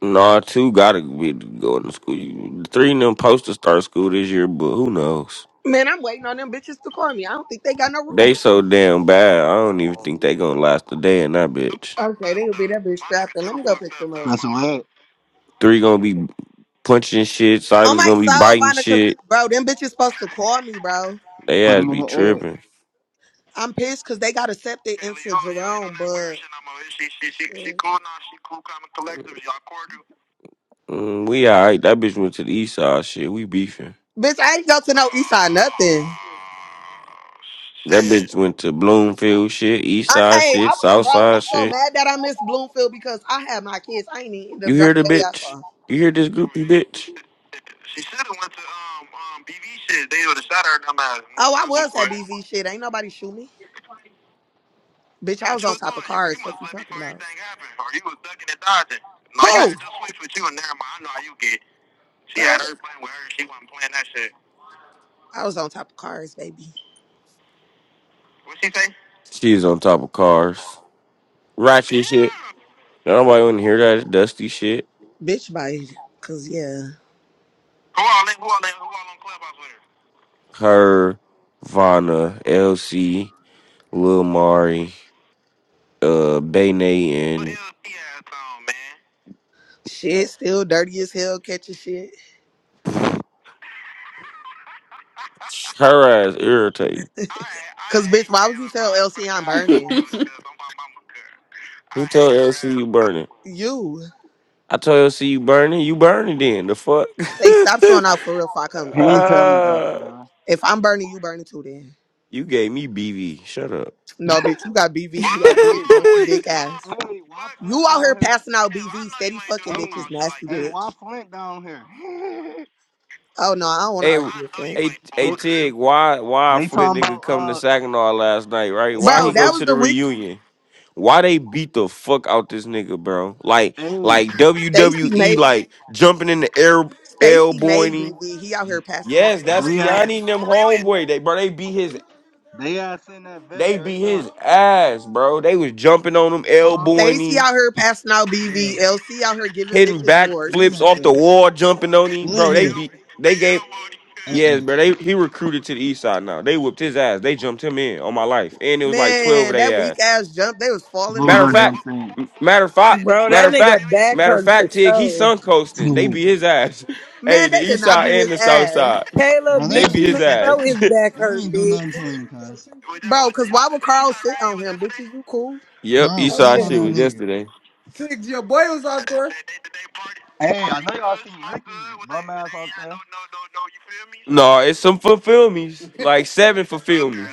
Nah, two gotta be going to school. You- Three of them supposed to start school this year, but who knows?
Man, I'm waiting on them bitches to call me. I don't think they got no room.
They so damn bad. I don't even think they gonna last a day in that bitch.
Okay, they would be that bitch scrapped. Let me go pick them up.
Special ed.
Three gonna be punching shit.
On
Silas
my
gonna be
soul,
biting
Vonda, cause
shit.
bro, them bitches supposed to call me, bro.
They ass be tripping.
I'm pissed cause they got accepted into Jerome, but shit.
Mm, we alright. That bitch went to the east side shit. We beefing.
bitch, I ain't go to no Eastside nothing.
That bitch went to Bloomfield shit, east
I,
side
hey,
shit,
I,
south
bro,
side
I'm so
shit.
mad that I missed Bloomfield because I had my kids. I ain't even end
You
up
hear
dropping
the
that
bitch?
all off.
You hear this groupie bitch?
Oh, I was at BV shit. Ain't nobody shoot me, bitch. I was on top of cars. What you talking about? Who? Fuck. I was on top of cars, baby.
She's on top of cars. Ratchet shit. Nobody want to hear that dusty shit.
Bitch, bite. Cause yeah.
Her, Vanna, LC, Lil Mari, uh, Bayne, and
Shit, still dirty as hell catching shit.
her ass irritating.
Cause bitch, why would you tell LC I'm burning?
[LAUGHS]
Who told LC you burning?
You
I told LC you burning. You burning then? The fuck?
stay stop showing out for real. If I come,
He
[LAUGHS]
yeah,
ain't tell
okay.
me that for
uh,
real.
If I'm burning, you burning too. Then
you gave me BV. Shut up.
no, bitch, you got BV in your dick,
Hey,
funky dick
[LAUGHS]
ass.
hey, why Flint
You out
down
here
here?
passing out BV, steady fucking
T- hey,
bitches, nasty
hey, why
bitch.
Flint down here? [LAUGHS]
Oh no, I don't want to
Hey,
argue with Flint,
hey, hey,
Hey,
Tig, why, why
they
Flint
talking
nigga
about
come to
uh,
Saginaw last night, right?
they
Why
bro.
he
talking
go
That
about
was
to the
the week
reunion? Why they beat the fuck out this nigga, bro? Like,
hey,
like
Stacy
WWE,
made.
like jumping in the air,
Stacy
elbowing
made
him.
BV. He out here passing that
Yes,
shit
that's
out.
they ass,
Kiani and them homeboy. They bro, they beat his,
they ass in that vest
they beat
right
his
now,
ass, bro. They was jumping on him,
huh?
elbowing
Stacy
him,
out here passing out BV.
Where?
LC out here giving
hitting
bitches
backflips
warts.
Flynn up
off
there.
the wall, jumping on him, bro.
Flint
They
here.
beat, they gave,
Uh
yes,
uh
bro. They he recruited to the east side now. They whipped his ass. They jumped him in on my life, and it was like twelve of
Man,
they
that weak ass jump, they was falling and
Matter of
Booger
shit.
fact,
jumped
m- matter of fact,
Bro,
matter
that
of fact,
nigga back
matter of
hurt for
fact, Tig, he
sure.
sun coasting. They
in.
be his ass. [LAUGHS] hey,
Man,
the
they did
east
not
side
beat
and
his
the south
ass.
side. [LAUGHS]
[LAUGHS]
Kayla,
Bro, they
They
bitch,
be
ain't
you
do
his
shit.
ass.
They
know his
ain't,
back
they
hurt,
ain't do nothing
bitch.
to him, cuz.
Bro, cause why would Carl sit on him? Bitches, you cool?
[LAUGHS] yep,
Carl
east
fell
side
Okay.
on
shit
that
was
nigga.
yesterday.
hey, I know y'all seen Ricky bum ass out there.
No, it's some fulfill me's. Like seven fulfill me's.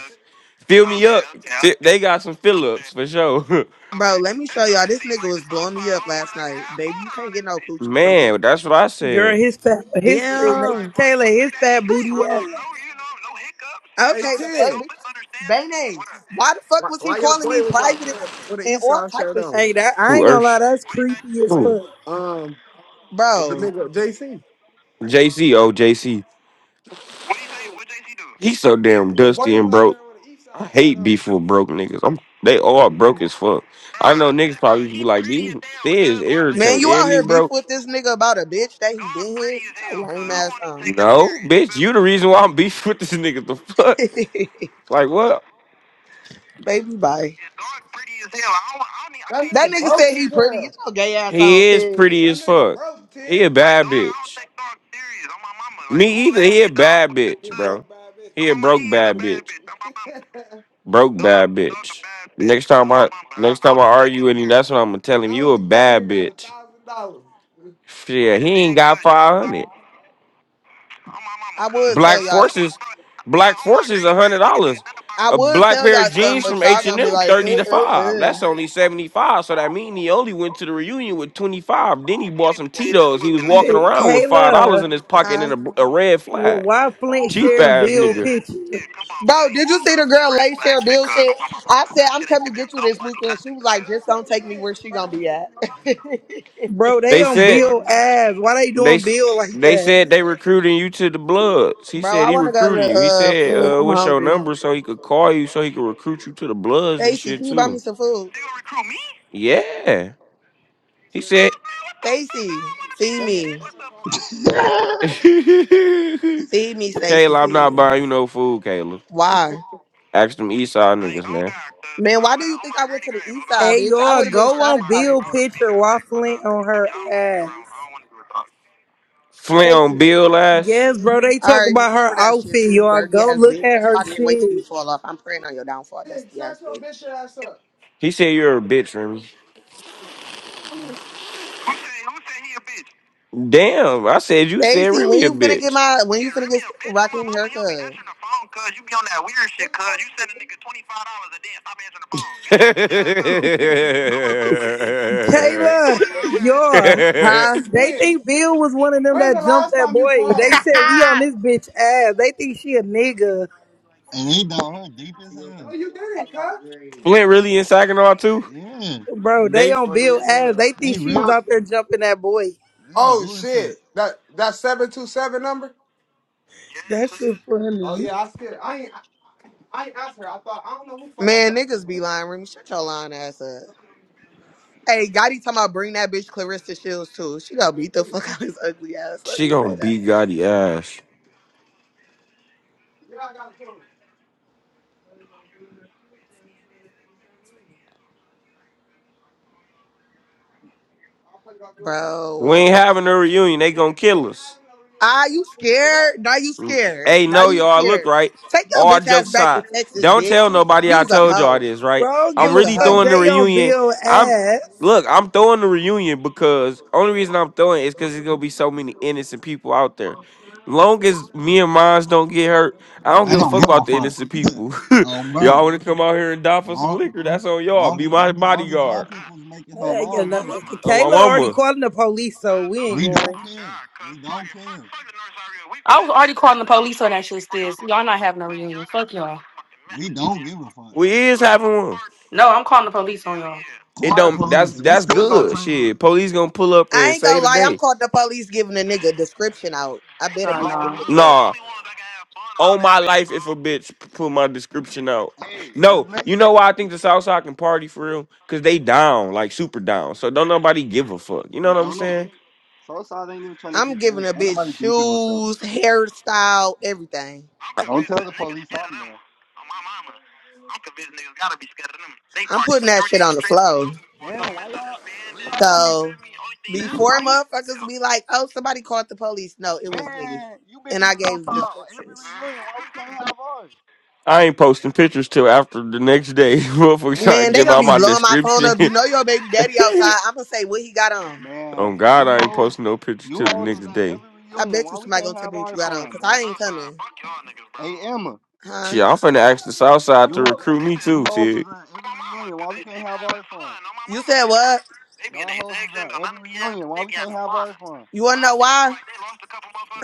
Fill me up. Fi- They got some fill ups for sure.
Bro, let me show y'all. This nigga was blowing me up last night. Baby, you can't get no
[LAUGHS]
coochie from me.
Man, that's what I
Girl,
said.
his fat, his,
Damn.
Kayla, his fat booty ass.
Okay, the fuck, bitch. Bane, why the fuck was he calling me private and all type of
Hey,
shit?
that, I
Who
ain't gonna lie,
Ursh?
that's creepy as
Who?
fuck.
Bro,
JC. Oh, JC. He's so damn Why dusty and broke. I by hate beef yourself? with broke niggas. I'm they all broke as fuck. Bro, I know niggas probably used to be he like, these feds is
man,
irritating.
you out
Ain't he
here beef
broke?
with this nigga about a bitch that he been here? Get your lame ass on.
No, serious. bitch, you the reason why I'm beefing with this [LAUGHS] nigga. The
[LAUGHS]
fuck? Like what?
Baby, bye. That nigga said he pretty. Get your gay ass on,
He is
Ted.
pretty as fuck. He a Ted. bad bitch. Me either. He a Like, bad what the bitch, Yeah, He bro. He a broke bad bitch. Broke bad bitch. Next time I next time I argue with him, that's what I'm gonna tell him. You a bad bitch. Shit, he ain't got five hundred.
I would tell
Black
y'all.
Forces, Black Forces, a hundred dollars.
I
A
would
black
tell
pair
y'all
of
something,
jeans
but
from
y'all
H and
gonna be
M,
like, uh,
thirty to
uh,
five.
uh.
That's only seventy five. So that mean he only went to the reunion with twenty five. Then he bought some Tito's. He was walking around with five dollars
Kayla.
in his pocket
Huh?
and a, a red
Well,
flag.
why Flint
Cheap
sharing
ass
Bill
nigga.
pictures?
Bro, did you see the girl late share bill shit? I said, I'm coming to get you this weekend. She was like, just don't take me where she gonna be at. [LAUGHS]
Bro, they
They
on
said
Bill ass. Why they
they
doing
s-
Bill like
they said
that?
they recruiting you to the Bloods. He
Bro,
said
I
he
wanna go to
recruiting you. He
the uh
said,
friend.
uh,
I'm
"What's your
hungry.
number?" So he could call you, so he could recruit you to the Bloods and
Stacy,
shit
can you buy me
too.
some food?
Yeah, he said,
Stacy, feed me.
[LAUGHS] "Kayla,
Feed me, Stacy,
I'm
feed
not
me.
buying you no food, Kayla."
Why?
Ask them East Side niggas, man.
Man, why do you think I went to the east side,
Hey,
bitch? I
y'all,
would have been
go
shot
on
if I went
Bill
there.
picture. Why Flint on her ass?
Flint
Stacy.
on Bill ass.
Yes, bro, they
All
talk
right,
about her
remember that shit
outfit,
too, you
y'all.
dirty
Go
ass
look
bitch.
at
That's why
her
I can't wait
shit.
till you fall off. I'm praying on your downfall, dusty ass bitch.
He said you're a bitch, Remy. Damn, I said you said
Stacy, when
Remy a
you finna get
bitch.
my when you finna get Rakim haircut?
$25 a day and stop answering the
Kayla, [LAUGHS] y'all,
He straight doing that
Huh?
hoe ass shit.
they think Bill was one of them that jumped that boy. They said, we on
[LAUGHS]
this bitch ass. They think she a nigga.
And he down here deep as hell.
[LAUGHS] Flint really in Saginaw too?
Yeah,
Bro, they
They
on Bill ass. They
they
think she was
real
out there jumping that boy.
they bullshit.
That shit funny.
Man, niggas be lying, Remy. Shut your lying ass up. Hey, Gotti talking about bring that bitch Clarissa Shields too. She gonna beat the [LAUGHS] fuck out of his ugly ass. Let
She
me say
gonna
that.
beat Gotti ass. We
Bro.
ain't having a reunion. They gonna kill us.
Ah, you scared? Now you
Mm.
scared.
Hey,
Now
no,
you
y'all. Look,
scared.
right.
Take your
All
bitch ass
jokes
back to
aside,
Texas,
don't tell
bitch.
nobody I
Use a
told y'all
hoe.
this, right?
Bro, I don't
I'm
give
Use
a
a
really
fuck.
hoe.
throwing the
They on
reunion.
Bill
I'm
ass.
look, I'm throwing the reunion because only reason I'm throwing it is because there's gonna be so many innocent people out there. Long as me and mines don't get hurt, I don't
I
give a
don't
fuck
give a
about the
fuck.
innocent people. [LAUGHS]
[LAUGHS] um,
y'all
bro,
want to come out here and die for some
long
liquor? That's on y'all.
long
Be
as
my
long as my
bodyguard.
people's making home,
Uh,
I
you
don't give a
know,
fuck.
On my
Kayla already
mama.
calling the police, so we ain't
We don't
going.
care. We don't care.
I was already calling the police on that shit, sis. Y'all not having a reunion. Fuck y'all.
We don't give a fuck.
We is having one.
No, I'm calling the police on y'all.
It
Call the
don't. That's
police. We
that's
still gonna
good.
clean up.
Shit, police gonna pull up
I
and
ain't
say
gonna lie, I'm
today.
caught the police giving a nigga description out. I bet a
Go
Uh,
bitch
on
get
no.
here.
picked up.
Nah, on my life, if a bitch put my description out.
Hey, just
No,
make.
you know why I think the South Side can party for real? Cause they down, like super down. So don't nobody give a fuck. You
No,
know what I'm
don't know.
saying?
Southside ain't even trying to
I'm
get
giving
back.
a
Ain't
bitch
nobody beefing with them.
shoes, hairstyle, everything.
I,
Don't tell the police I'm there.
I'm putting that shit on the flow.
Damn, why y'all? Why y'all wanna?
So
Damn, why
before
we?
motherfuckers be like, oh, somebody called the police. No, it was me.
Man, you bitches
And I
was on
gave
every
descriptions.
reunion. Why we can't have ours?
I ain't posting pictures till after the next day. [LAUGHS] Motherfuckers
Man,
trying
Man,
to
they
give
gonna
out
be
my
blowing my phone
description.
up.
[LAUGHS]
You know your baby daddy outside. I'm gonna say what he got on.
man,
on God,
you
I ain't
hoes,
posting no pictures
you
till the
hoes was
next
at
day.
every
I
reunion.
bet
Why
you
we
somebody
can't
gonna tell
have
me what
our
you got on,
fun,
cause
bro?
I ain't coming.
Hey Emma,
Huh?
Shit, I'm finna ask the Southside
you
to
ho-
recruit me
you
too,
hoes was
Tig.
at every reunion. Why we can't have our fun?
You said what?
Y'all hoes was at every reunion. Why we can't have our fun?
You wanna know why?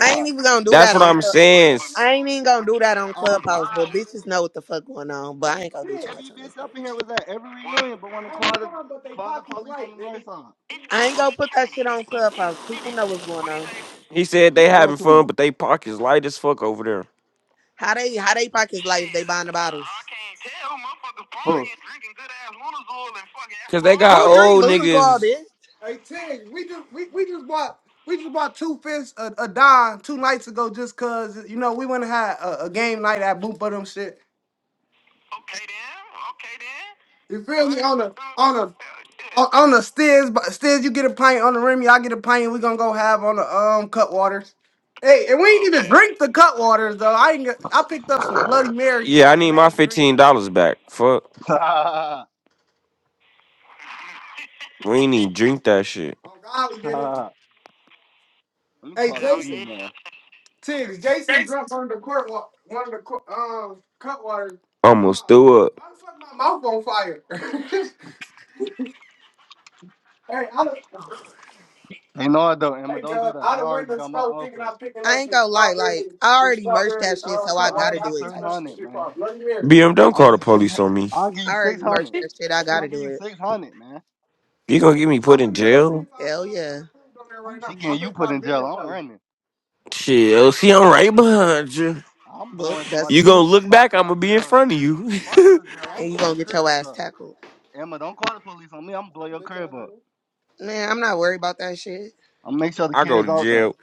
I ain't even gonna do
That's
that
what
on.
I'm saying.
I ain't even gonna do that on
Oh
Clubhouse,
God,
but
we
bitches know what the fuck going on. But I
every
ain't gonna do too
every
much on this
bitch up in here
bitch.
was at every reunion, but want to call the call the police on the north side.
I ain't gonna put that shit on Clubhouse. People know what's going on.
He said
You
they
doing
having
too
fun,
much.
but they pockets light as fuck over there.
How they how they pockets life? They buying the bottles.
Huh.
Cause they got
Who drink
old
Luna's all
niggas.
this?
Yeah, I some need my fifteen dollars back. Fuck,
[LAUGHS]
we ain't even drink that shit.
Let me call the weed man.
Almost threw up.
Ain't no, I don't, Emma. Don't do that. I already got my outfit.
I ain't gonna lie. Like I already merged that shit, so I
I'll
gotta
give you
do it.
three
Type
hundred,
shit.
man.
BM, don't
I'll
call
give
the
you six.
police on me.
I'll give
I
you six
already merged
hundred.
that shit. I
I'll
gotta
give
do
you
it.
six hundred, man.
You gonna get me I'm put I'm in jail?
Hell yeah.
Oh, she getting you put in jail. I'm running.
Shit, oh, see, I'm right behind you.
I'm
Well,
blowing
that's
somebody.
You
two,
gonna look
If I
back?
go
I'm
to
gonna be in
jail,
front of you.
if I go to jail, I'm
and you gonna
blowing
get your
cribs
ass
up.
tackled.
Emma, don't call the police on me. I'm gonna blow your crib up.
Man, I'm not worried about that shit,
I'm gonna make sure
[LAUGHS]
the
I go
kids
to
out there.
jail.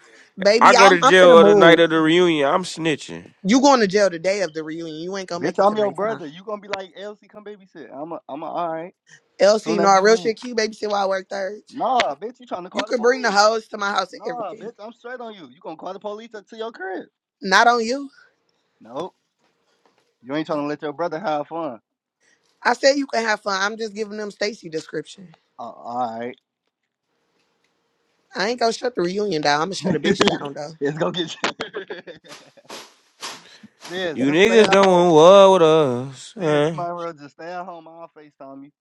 I
baby.
go
I'm
to
I'm finna
jail the night
move.
of the reunion. I'm snitching.
You going to jail the day of the reunion. You ain't gonna make
Bitch,
it
I'm your
tonight time.
brother. You gonna be like Elsie, come babysit. I'm a, I'm a, all right.
Elsie,
Soon
LC,
as
no,
you
real
leave.
shit. Q babysit while I work thirds.
Nah, bitch, you trying to
You
call the
can bring the
police?
hoes to my house and
Nah,
everything.
bitch, I'm straight on you. You gonna call the police to to your crib?
Not on you.
Nope. You ain't trying to let your brother have fun.
I said you can have fun. I'm just giving them Stacy description.
Uh, all right.
I ain't gonna shut the reunion down. I'm gonna shut a bitch
[LAUGHS]
down though.
it's gonna get you. [LAUGHS] Stiz,
You
just stay
niggas
at
don't
home.
want war with us.
Stiz, you
huh?
might as well just stay at home. I'll FaceTime you.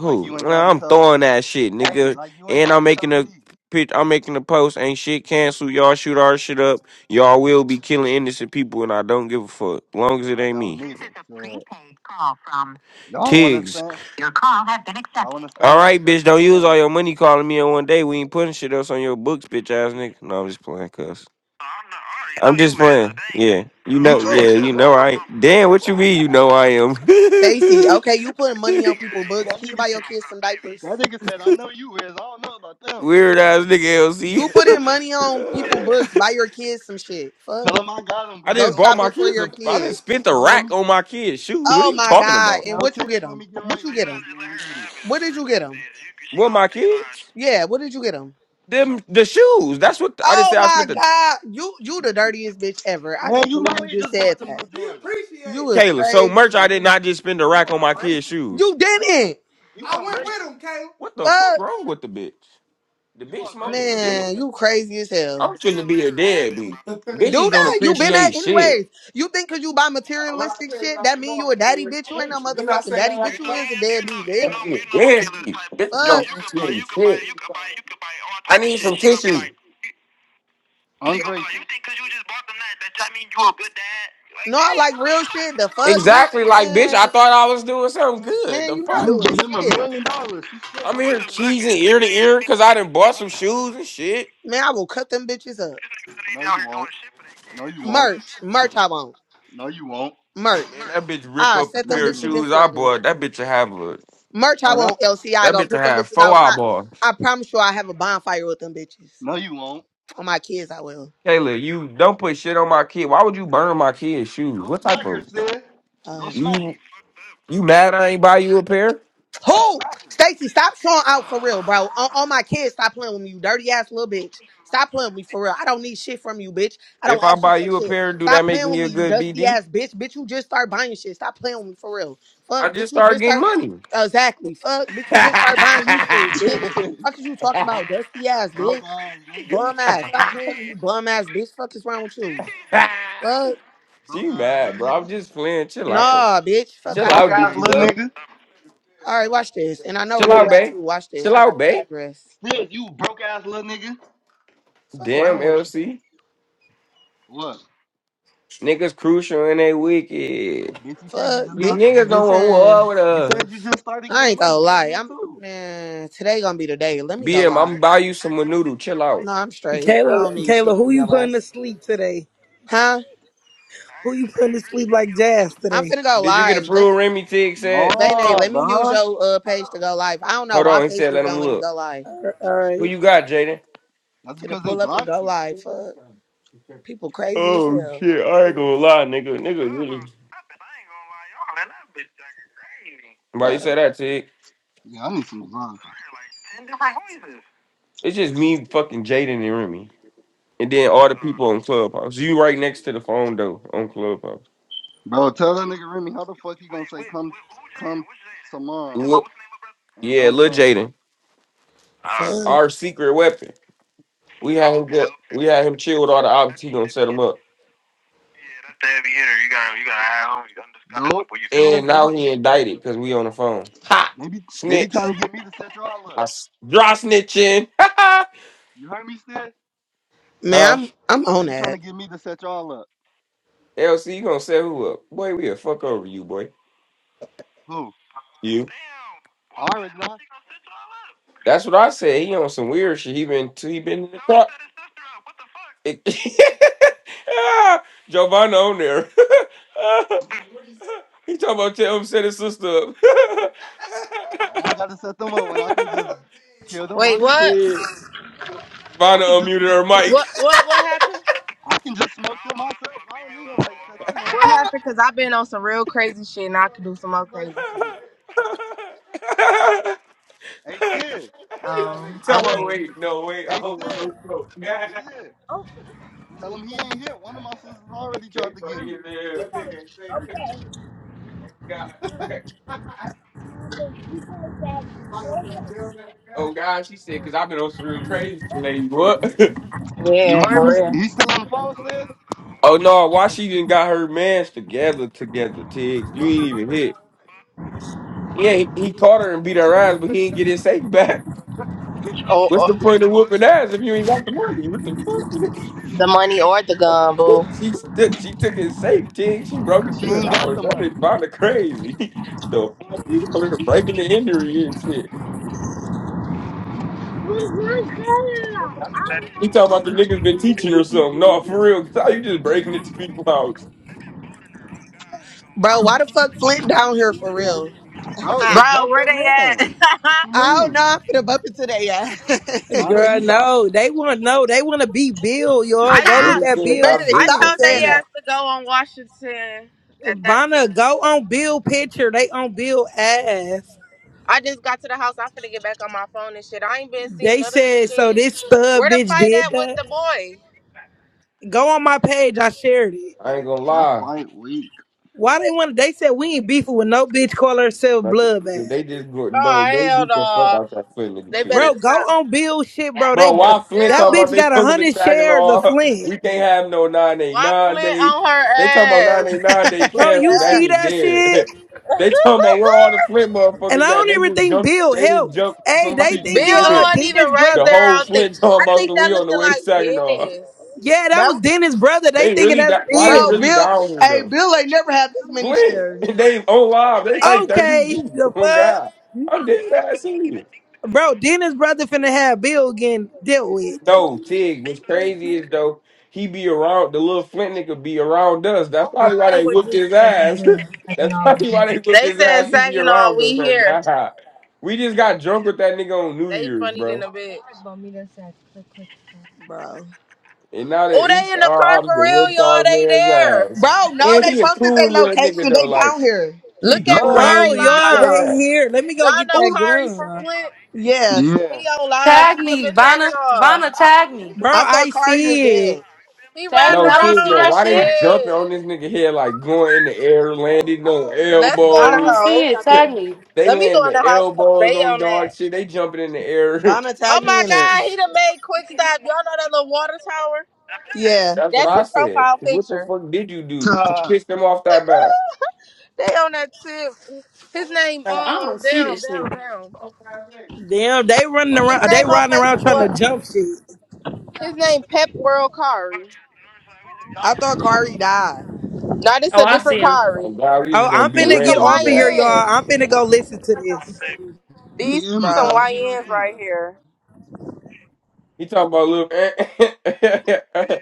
Like you and
Nah,
Gotti
I'm
told
throwing that shit,
Hey,
nigga.
like you and
And I'm
Gotti
making
told
a
me.
pitch. I'm making a post. Ain't shit canceled. Y'all shoot our shit up. Y'all will be killing innocent people, and I don't give a fuck. Long as it
I
ain't
don't
me.
neither. Shit. Y'all wanna
Tiggs.
stand? Y'all wanna
All
stand right
right,
there?
bitch. Don't use all
Go ahead.
your money calling me in one day. We ain't putting shit else on your books, bitch ass nigga. No, I'm just playing, cuz. I'm just playing. Yeah. You
He t-
know, yeah, you know I ain't. Damn, what you mean you know I am?
Stacy,
[LAUGHS]
okay, you putting money on people's
[LAUGHS]
books.
that
Can you
nigga
buy your
said
kids some diapers?
that nigga said, I know you is. I don't know about them.
Weird ass nigga
You putting
LC.
money on people's
[LAUGHS]
[LAUGHS]
books. Buy your kids some shit.
tell
Fuck.
him I got him,
I
bro.
Go
just
Tell him
bought
let
my
me
shopping for
kids.
your
A, I
kid.
just spent a
tell him let me
rack on my kids' shoes. What are
Oh
you
my
talking
god.
about?
And
tell
what you
Tex,
get
let
them?
me get
What
right
you
right
get them?
quick, man. I got him.
What did you get them?
What my kids?
Yeah. What did you get them?
Them the shoes. That's what I just
Oh
said. I
my
spent the.
God. You you the dirtiest bitch ever. I
Man,
can't
you
believe you
might have
just
just
said
bought them
that.
new
Be
Jordan.
You
appreciated.
was
Kayla, so
crazy.
merch. I did not just spend a
You
rack on my kids'
ungrateful.
shoes.
You
You
didn't.
you ungrateful.
What the fuck
Fuck.
wrong with the bitch? The
You
bitch smoking
ungrateful, Emma.
dick.
Man, you crazy as hell.
I'm trying to be let a dead bitch.
Do
Bitches don't
You
that. You been that
appreciate shit.
anyways. You think cause you buy materialistic shit, that mean you a daddy bitch. You ain't no motherfucking daddy bitch. You is a deadbeat bitch.
nasty. Bitches don't
Fuck.
appreciate shit. I need some tissues.
ungrateful.
No, I like real shit. The fuck, bitch.
Exactly, like bitch. I
Man,
thought I was doing something good.
man,
The
you
You
not
fuck?
can
doing
give him a
shit.
million dollars. He's still
I'm
gonna say
here
you ain't no good
cheesing
guy.
ear to ear because I done bought some
Ah,
shoes and shit.
Man, I will cut them bitches up.
no, you won't. No, you won't.
Merch. Merch I want.
No, you won't.
Merch.
Man, that bitch rip
I
up a
set
No,
them
pair
you
of
bitches
won't.
in
shoes I
flames.
bought. That bitch will have a.
Merch I
Oh,
want
that's it.
Lci, I
That
go
bitch will
put them
have
bitches
four
outside.
eyeballs.
I promise you I have a bonfire with them bitches.
No, you won't.
For my kids I will.
Kayla, you don't put shit on my kid. Why would you burn my kid's shoes?
Go
What
smack
type
her,
of
Sid. Go
Um,
smack her.
you? You mad I ain't buy you a pair?
Go
Who?
smack her.
Stacy, stop showing out for real, bro. On, on my kids, stop playing with me, you dirty ass little bitch. Stop playing with me for real. I don't need shit from you, bitch. I
If
don't
I
ask you
buy
for
you a
shit.
pair, do that
Stop
make
playing with
me a
me, you
good
dusty
BD?
ass bitch. Bitch, you just start buying shit. Stop playing with me for real. Fuck,
I just
bitch, you
start
just
getting
start.
money.
Exactly. Fuck, bitch, you just start buying you shoes, bitch.
[LAUGHS]
Fuck is you talking about, dusty ass
broke
bitch?
ass nigga.
Bum
[LAUGHS]
ass. Stop playing with you, bum ass bitch. Fuck is wrong with you? Fuck.
Broke
she
ass
mad,
little
bro.
nigga.
I'm just playing. Chill out.
Nah, bitch.
You
Fuck
Chill
out of
broke
out,
ass
here.
Dookie.
little
duck.
nigga.
All right, watch this. And I know where
Chill out,
you
Sid.
at
babe.
too. Watch this.
Chill
I
out,
got the
babe.
address.
Sid, you broke ass little nigga.
Fuck
Damn,
wrong with him.
LC.
What?
Niggas crucial and they wicked.
Bitch, you said you
Fuck
just
These
bitch,
got you
niggas don't
just
want war
man.
with
you said you
us.
just started
I
getting
ain't
money.
gonna
I
lie.
did
I'm
too.
man. Today gonna be the day. Let me go
BM, I'm
live.
buy you some noodle. Chill out.
No, I'm
And
straight. I don't
Kayla,
need shit
Kayla, who
from
you
your
putting to
ass.
sleep today?
Huh?
Who you putting to sleep like Jazz
I'm
today?
finna go
Did you get
live. Let
approved, Remy Tig
No,
said?
Bane, let me use
bruh.
your uh page to go live. I don't know
Hold
why
on, he said,
Facebook
let
don't
him
let me
look.
go live.
All
Who
right,
you got, Jaden?
That's
Finna
because they
pull up and
blocked
go
you.
live. Fuck. People crazy as
Oh,
hell.
shit. I ain't gonna lie, nigga. Nigga, really. Why you
Fuck.
say that, Tig?
Yeah, I need some design.
It's just me, fucking Jaden and Remy. And then all the people on Clubhouse. You right next to the phone, though, on Clubhouse.
Bro, tell that nigga Remy how the fuck you gonna say come come tomorrow
Look,
and
yeah,
don't
Lil
come.
Jaden.
Fuck.
Our secret weapon. We had him get, we had him chill with all the options. He gonna set him up. hide
Nope. Stairs,
And
they be
now he indicted because we on the phone. Ha!
they be they be
Snitch.
trying to get me to set y'all
I
up.
s- dry snitching. [LAUGHS]
You heard me, Stairs?
Man,
huh?
I'm I'm
They
on
be
that.
trying to get me to set y'all up.
LC, you gonna set who up? Boy, we a fuck over you, boy.
Who?
You.
I already know.
That's what I said. He on some weird shit. He been to, he been in the car. he truck. It- [LAUGHS] ah, Giovanna on there. [LAUGHS] He talking about tell him set his sister up. [LAUGHS]
Why I gotta set them up when I can just kill them
Wait,
myself?
what?
Dude.
I
Vanna
can just
unmuted her mic.
What? What? What happened?
I can just smoke them myself. I don't need nobody to set them up.
What happened? Cause I've been on some real crazy shit, and I could do some more crazy shit.
[LAUGHS]
Hey, Stairs.
Oh,
Tell
Tell him,
my
okay.
wait, no wait, I
hey
don't want no
Sid,
smoke. [LAUGHS] they
hey Sid, tell him he ain't hit. One of my sisters already tried to get
funny
me.
as hell. Oh God, Oh, God, she said, because I've been on some real crazy shit lately. What? [LAUGHS]
You
Yeah,
heard me?
for real.
He's still on the phone, Sid,
Oh no, Washington got her mans together, together, Tiggs. You ain't even hit. Yeah, he, he caught her and beat her ass, but he ain't get his safe back. [LAUGHS]
Or,
What's
or
the point of whooping ass if you ain't got the money? What the fuck? [LAUGHS]
the money or the gun, boo.
She took she took his safe, Tiggs. She broke
cause she
into his
ain't
house.
got the
That bitch
money,
bound crazy. [LAUGHS] The fuck? You over there breaking the injury and shit. He talking about the niggas been teaching her something. No, for real. [LAUGHS] How you just breaking into people's house?
Bro, why the fuck Flint down here for real? [LAUGHS]
bro. They
I
Bro,
jumped
where
that
they
man.
at? [LAUGHS]
What you
don't
mean?
know. I'm finna bump into that yeah.
Not the
[LAUGHS]
girl.
east side.
No, they want no. They want to beat Bill,
[LAUGHS]
y'all.
I
Go look
Really?
at Bill
Baby,
Stop
they
I
dick
stop
shit.
told
something,
saying
they
nigga.
that.
ass to go on Washington at that time.
Vanna, go on Bill picture. They on Bill ass.
I just got to the house. I'm finna get back on my phone and shit. I ain't been seeing
They
none of this
said so.
shit.
This
Where
stud
the
bitch
fight
did
at with
that.
the boy?
Go on my page. I shared it.
I ain't gonna
That
lie.
fight weak.
Why they want? They said we ain't beefing with no bitch. Call herself
Nothing.
Bloodbath,
They just go, bro.
Oh
They
hell
beat the fuck
no!
out that Flint nigga
They better
kid.
bro.
to
Go
stop.
on Bill shit, bro. They
Bro, why Flint
that
talking about
bitch
they
Damn,
got a
coming to
hundred shares of
Saginaw?
Flint,
We can't have no nine eight
why
nine
Flint
day.
on her
They talking about nine
ass?
eight nine day
[LAUGHS]
bro.
canceled.
You
That
see
shit
that shit?
dead. [LAUGHS] they talking about where all
[LAUGHS]
the Flint
And I
motherfuckers at.
don't
They
even
just
think
jumped.
Bill
They just
helped.
jumped
Hey, they
somebody through
thinking
Bill
uh
Flint.
wasn't even
Dennis
right
The
there.
brother.
I
whole
don't think.
Flint
I
talking about
think
so
that
we on
looked
the way to
like
Saginaw.
Dennis.
Yeah, that
that
was Dennis brother. They
They
thinking
really
that's
got. Why they
bro,
really
Bill.
Bill,
down here
hey,
though?
Bill ain't never had this many
Flint.
shares.
[LAUGHS] They on live. They like thirty
Okay,
deep.
the
Oh God.
fuck,
I'm dead ass serious.
bro. Dennis brother finna have Bill getting dealt with,
No, Tig, what's crazy is though, he be around the little Flint nigga be around us. That's probably why they whooped his ass. [LAUGHS] That's probably why they whooped
They
his
said
ass. He be
Saginaw,
around us.
we
Oh
here.
god. We just got drunk with that nigga on New
They
Year's,
funny
bro.
than a bit.
Bro.
And now
Oh,
that
they
East
in the
our
car for
opposite
real,
whooped
y'all.
our
They
man's ass.
there.
Bro, no,
And
they
he a
posted their
cool little nigga
location. They
though. Like
down here.
he
Look at
cool,
Duh.
he don't
bro.
Kari
even be
Y'all,
on
they
live.
that.
here. Let me go
Y'all
get
know
that
Who?
Kari from
gun,
Flint.
Yeah.
Yeah.
He on live.
Tag
He up
me,
in
Vanna.
Saginaw.
Vanna, tag me.
bro.
I thought
I
Kari was
see it.
dead.
He
Tag
riding
me.
No,
I don't
around.
Tig
see
though,
that
I'm
why they
shit.
jumping
dead.
on this nigga head like going in the air, landing on
Let's go
I
in the
elbows?
don't see it.
house.
Tag
[LAUGHS]
me.
they
Let me go
land
in the
their
house because
elbows
they
on
on
dog
that.
shit. They jumping in the air.
Vanna
Oh
tagged
my
me in it.
God, he done made quick stop. Y'all know that little water tower?
[LAUGHS]
Yeah.
That's what
That's
I
his
said.
profile
What the
picture.
fuck did you do to
Tag.
piss them off that bad?
They on that tip. His name,
Uh, I don't-
um, damn, damn, damn.
Damn, they running
His
around. They
name on
riding around trying to
Facebook.
jump shit.
His name Pep World Kari.
I thought Kari died.
Now this
Oh,
a
I
different
see him.
Oh
Kari.
God, we just
Oh,
gonna
I'm
beat a
These
finna
some
get
random
off of here,
guy.
y'all.
YNs.
I'm finna go listen to this,
These
Hey Emma,
some
Bro.
tag me right
YNs
quick.
right here.
He talking about little. [LAUGHS]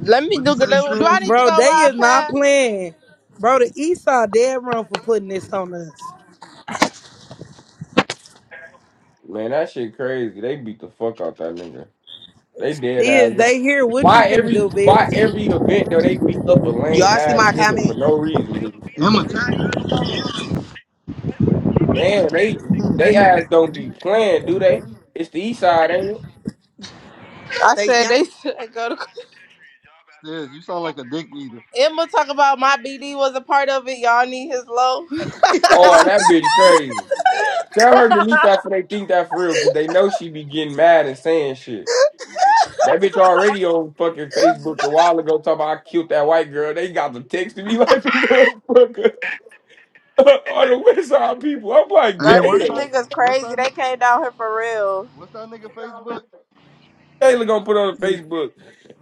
Let me
What would he
do.
say,
Do do I
Stiz?
need to
bro.
go
They is
ride
not
past?
playing, bro. The East Side dead wrong for putting this on us.
Man, that shit crazy. They beat the fuck out that nigga. They dead ass.
Is they here? What you
Why
finna
every
do,
why
bitch?
every event though they beat up a lame
Y'all see
ass
my
nigga for
comment,
no reason?
Emma, tag me in the comment.
Man, they they ass don't be playing, do they? It's the east side, ain't it?
I
Stacey?
said
I-
they [LAUGHS] said go to.
Stiz, you sound like a dick eater.
Emma talk about my BD was a part of it. Y'all need his low. [LAUGHS]
Oh, that bitch crazy. Tell her delete that for they think that for real, cause they know she be getting mad and saying shit. That bitch already on fucking Facebook a while ago talking about I killed that white girl. They got the text to me [LAUGHS] like a motherfucker [LAUGHS] on the West Side people. I'm like,
Hey,
Bro,
what's
these
that?
damn.
niggas
What's
crazy.
that
They
nigga?
came down here for real.
What's that nigga Facebook?
Taylor gonna put on
So
Facebook.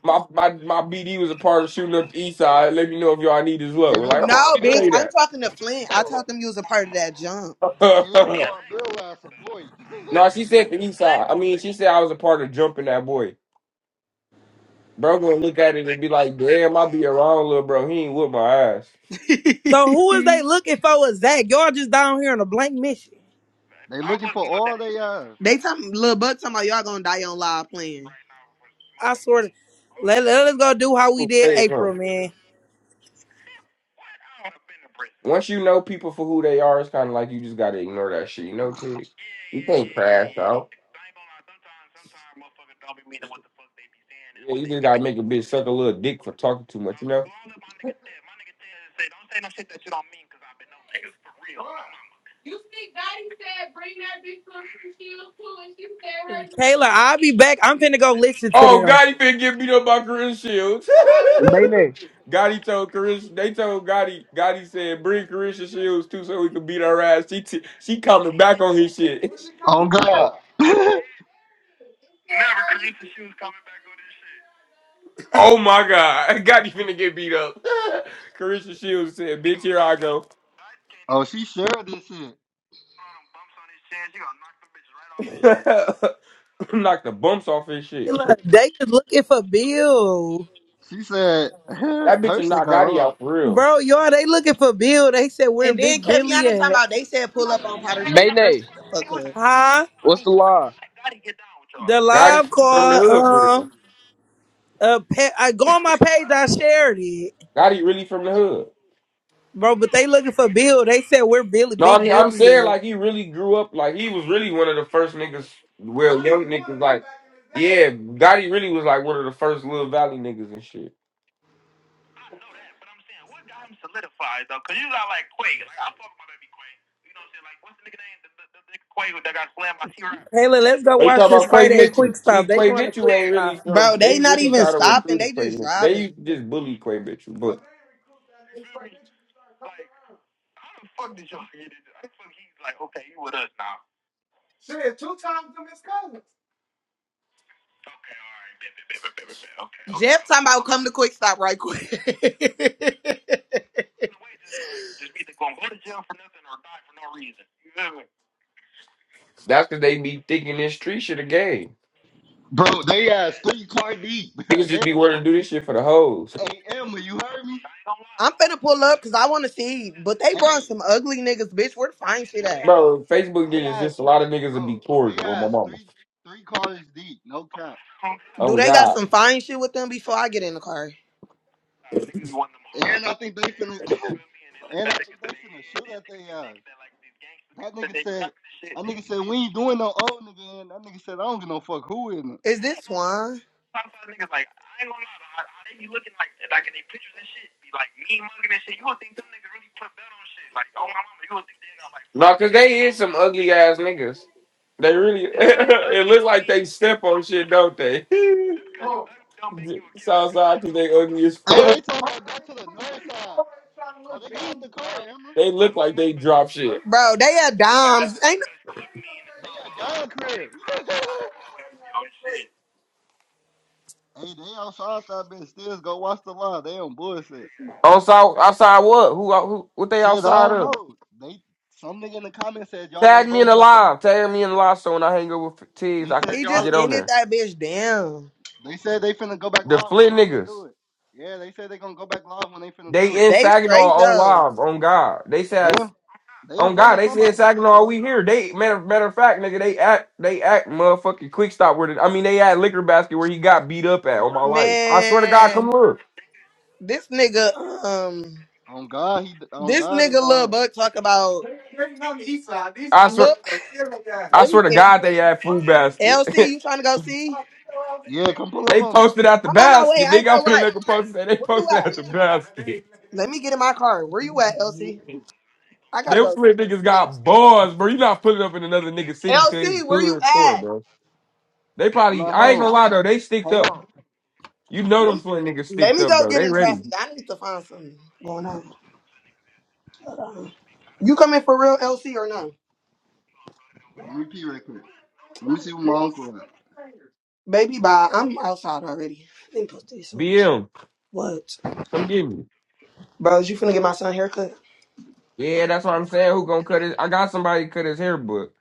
My my my BD was a part of shooting up the East Side. Let me know if y'all need is low.
Hey, they
Like, why would
call
No,
you
bitch.
Bill.
I'm
say
talking to Flint. I told them you was a part of that jump.
Hey,
that?
they
[LAUGHS]
call Bill ass a boy.
No, she said the east side. I mean, she said I was a part of jumping that boy. Bro gonna look at it and be like, damn, I be around little bro. He ain't with my ass.
[LAUGHS] they
who is they looking for? Is Zach? Y'all just down here on a blank mission.
They looking for all they uh
talking, little buck talking about y'all gonna die on live playing.
I swear. To, let let us go do how we did
Okay, huh?
April, man.
Once you know people for who they are, it's kind of like you just gotta ignore that shit. You know, Tig? You can't crash out. Yeah, you just gotta make a bitch suck a little dick for talking too much, you know?
Kayla, I'll be back. I'm finna go listen to
Oh,
them.
Gotti been get beat up by Chris Shields.
Mayne.
[LAUGHS] Gotti told Chris, they told Gotti, Gotti said, bring Carisha Shields too so we could beat our ass. She, t- she coming back on his shit. [LAUGHS]
Oh God.
Oh my God. [LAUGHS] Gotti finna get beat up. [LAUGHS] Carisha Shields said, bitch, here I go.
[LAUGHS] oh, she shared this shit.
[LAUGHS] knock the bumps off his shit.
Taylor, they is looking for Bill.
She said [LAUGHS] her,
That bitch
her
is
shit
knock
got
Gotti
on.
out for real.
Bro, y'all, they looking for Bill. They said where
And then
Big
Keviana
Billy
talking
at.
about they said pull up on Potter Street. Girl, shut
Mayne.
the fuck up.
Huh?
What's the law?
The
Gotti
live
from the hood for
call,
real.
um, uh, pe- I go on my page, I shared it.
Gotti really from the hood.
Bro, but they looking for Bill. They said where Billy,
No, I
Big
mean, I'm
Billy
saying
at.
like he really grew up. Like he was really one of the first niggas. Well, young niggas like, yeah, Gotti really was like one of the first little Valley niggas and shit.
Taylor, let's go
Are you
watch
talking
this
about Quay
fight at
Mitchell?
Quick Stop.
See,
They
Quay
going to
Mitchell
Quick
ain't really
Stop.
Bro,
from.
they
They
not
really
even
kind of
stopping.
recruited
They
Quay
just
Mitchell. They used
driving.
to just bully Quay Mitchell, but
Jeff talking about come to quick stop right quick. [LAUGHS]
that's because they be thinking this street shit a game.
Bro, they ass three card deep.
Niggas
[LAUGHS] they
just be
on
wanting to do this shit for the hoes.
hey Emma, you heard me?
I'm finna pull up because I want to see. But they brought some
Hey,
ugly niggas, bitch. Where the fine shit
they
at?
ass
Bro, Facebook
they
niggas, this
ass
a lot of niggas would be
bro, they
cordial with my
ass
mama.
three three cars deep, no cap.
Do
Oh
they got
God.
some fine shit with them before I get in the car?
And I think they finna [LAUGHS] and I think they finna shoot at they ass. That nigga said that nigga said we ain't doing no old nigga and that nigga said I don't give no fuck who in it.
Is this Swan,
No, cause they is some ugly ass niggas. They really. [LAUGHS] it looks like they step on shit, don't they? [LAUGHS] Southside, cause they ugly as
Hey,
fuck.
they talking about go to the north side. Oh, they got out the car, Emma.
They look like they drop shit.
Bro, they had dimes. Ain't no,
They got Don crib. Hey, they outside that bitch. Still go watch the live. They on bullshit.
On south, outside what? Who? Who? What they
Shit, I
outside
don't
of?
know. They some nigga in the comments said y'all
Tag
ain't
me in
bold
the
enough to.
live. Tag me in the live. So when I hang up with T's,
They
I could
said
he just
y'all.
get on
ended
there.
that bitch down.
They said they finna go back
The
live when they
Flint
finna
niggas.
do it. Yeah, they said they gonna go back live when they finna do
They
it.
in
They
Saginaw
straight
on
though.
live. On God. They
They
said.
in, they in
On
front
God,
of
they said
somebody
Saginaw
shit
all
though.
we here. They matter matter of fact, nigga, they act they act motherfucking quick stop where the, I mean they at liquor basket where he got beat up at on my life. I swear to God, come
Man,
look.
this nigga, um
On God, he on
This
God they
nigga Lil
done.
Buck talk about
I swear
look. [SIGHS]
I
Let me
swear to
get in
God they at food
there. LC,
basket.
you trying to go see?
Yeah, come pull
[LAUGHS]
up
they
on me.
posted at the
I'm on my way.
basket.
I
They
ain't gonna
got to
lie.
make a post that they
Where you
posted
at?
at the basket.
Let me get in my car. Where you at, LC? I gotta
Them
go see
slit
this
niggas
shit.
got balls, bro. You not pulling up in another nigga city to his
LC, where you
hood store,
at?
bro. They
I'm
probably
at
I ain't
home.
gonna lie though, they sticked
Hold
up.
on.
You know
Let
them
me,
slit niggas
let
sticked
me
up
go
though.
get
They
in
ready.
traffic. I need to find something going on. Hold on. You coming for real, LC, or no?
Let me pee right quick. Let me see what
Ma-
my uncle at.
Baby, bye. I'm outside already. Let me post this on.
BM.
What?
Come get me.
Bros, you finna get my son a haircut?
Yeah, that's what I'm saying. Who gonna cut his? I got somebody to cut his hair, but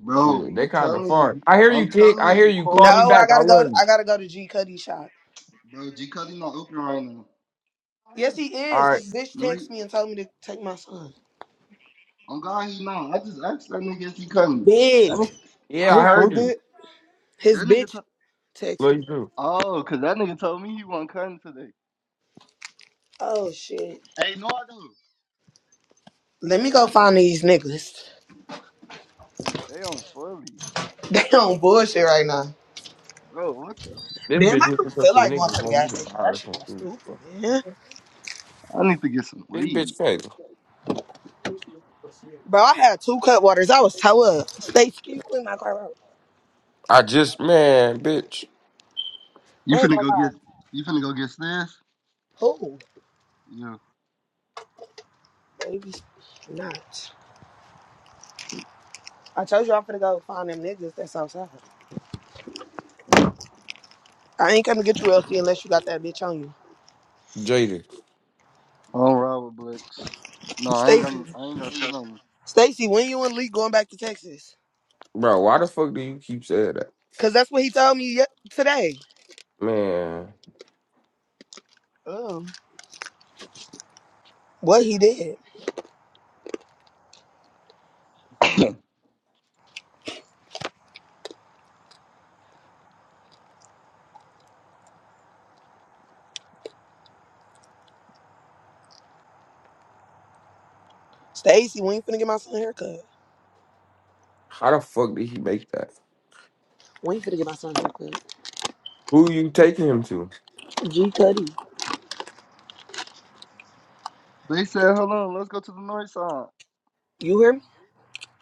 Bro,
shoot, they
I'm
kind of
telling
far.
you.
I hear you,
I'm
Tick.
telling
I hear
you,
you.
Carl.
Call me
No, I
back. I
gotta go.
love you.
I gotta go to G Cuddy shop.
Bro, G Cuddy not open right now.
Yes, he
All
is.
right.
His bitch
No, he,
texted me and told me to take my son.
I'm glad he not. I just asked that nigga if he cutting. That
Bitch.
nigga,
Yeah, I
His,
heard you.
his
that nigga
bitch
to-
text
Love
me.
you too.
oh, because that nigga told me he wasn't cutting today.
Oh shit.
Hey, no, I do.
Let me
They
go
ass on,
find these niggas.
they on fully.
[LAUGHS] They on bullshit right now.
Bro, what the?
This
Damn,
bitch
I don't
looking for
feel
some
like going
niggas.
to the
Man,
gas
you
station.
gotta
That
hire
should be
some food.
stupid, man.
I need to get some
This
weed.
bitch crazy.
Bro, I had two cut waters. I was toe up. Stacy, can you my car out?
I just man, bitch,
You
I ain't
finna
gonna
go
lie.
get, you finna go get this?
Who?
Yeah.
Baby not. I told you I'm finna go find them niggas that's outside. I ain't gonna get you Elsie, unless you got that bitch on you.
jaded,
I don't ride with Blix. No, I ain't
Stay
got, I ain't got shit on me.
Stacy, when you and Lee going back to Texas?
bro. Why the fuck do you keep saying that,
Cause that's what he told me ye- today.
man?
Um, what he did, Stacy. We ain't finna get my son a haircut.
How the fuck did he make that?
We ain't finna get my son a haircut.
Who you taking him to?
G Cuddy,
They said, hold on, let's go to the north side.
you hear me?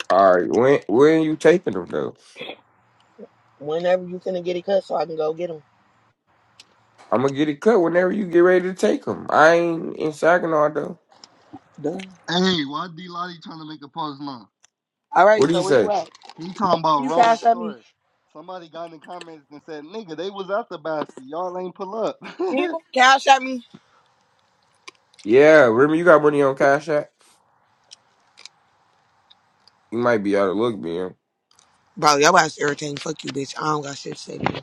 All right, when when you taking him though?
Whenever you finna get it cut, so I can go get him.
I'm gonna get it cut whenever you get ready to take them. I ain't in Saginaw though.
Done.
Hey, why D Lottie trying to make a pause now?
All
What
right.
do you
So where you
say?
at?
He talking
Can
about
You
wrong
cash at me.
story. Somebody got in the comments and said, "Nigga, they was out the basket. Y'all ain't pull up." [LAUGHS]
Can You cash at me.
Yeah, remember you got money on Cash App? You might be out of luck, BM.
Bro, y'all ass irritating. Fuck you, bitch. I don't got shit to say to you.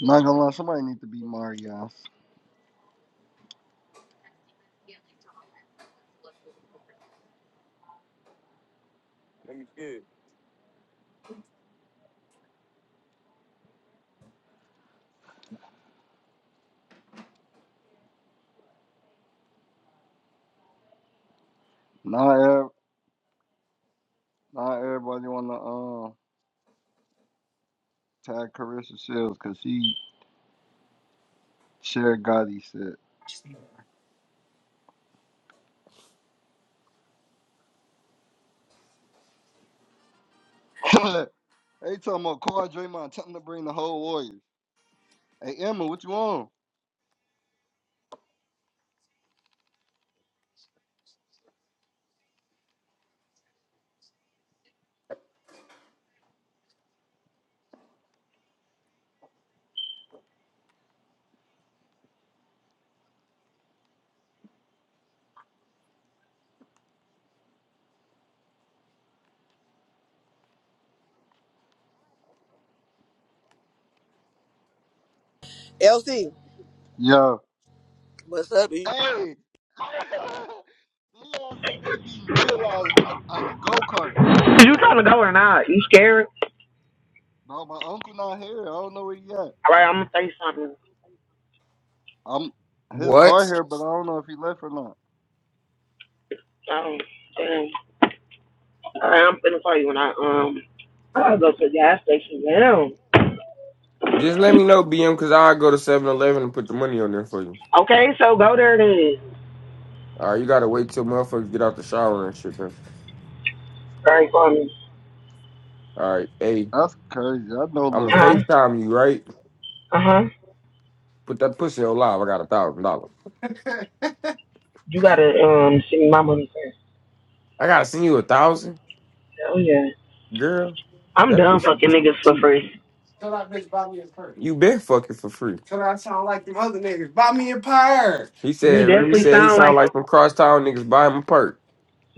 not gonna lie, somebody need to be Mario. Not ev- not everybody wanna um tag Carissa Shields because she shared Gotti shit. [LAUGHS] they talking about Kawhi Draymond telling them to bring the whole Warriors. Hey Emma, what you on?
LC,
Yo.
what's up? bitch?
Hey. [LAUGHS] they all said they beating Bill Eyes when they, on the go kart.
You trying to go or not? You scared?
[LAUGHS] Bro, my uncle not here. I don't know where he at.
All right, I'm gonna say something.
I'm his car
What?
here, but I don't know if he left or not.
Um, damn. All right, I'm finna call you when I um. I gotta go to the gas station now.
Just let me know, BM, because I'll go to Seven Eleven and put the money on there for you.
Okay, so go there then.
All right, you gotta wait till motherfuckers get out the shower and shit, man.
All right, for me.
All right, hey,
That's crazy. I know
I'm
Lil
gonna
Uh huh.
Bro.
FaceTime you, right?
Uh huh.
Put that pussy on live. I got a thousand dollars.
You gotta um send me my money first.
I gotta send you a thousand?
Oh yeah.
Girl,
I'm
that
done
pussy
fucking niggas for
cheap.
free.
Tell that bitch Bobby it's free. You been fucking for free. He
You
said, Remy
definitely
said he
sound
sound
like a
like some crosstown niggas buy him a perk.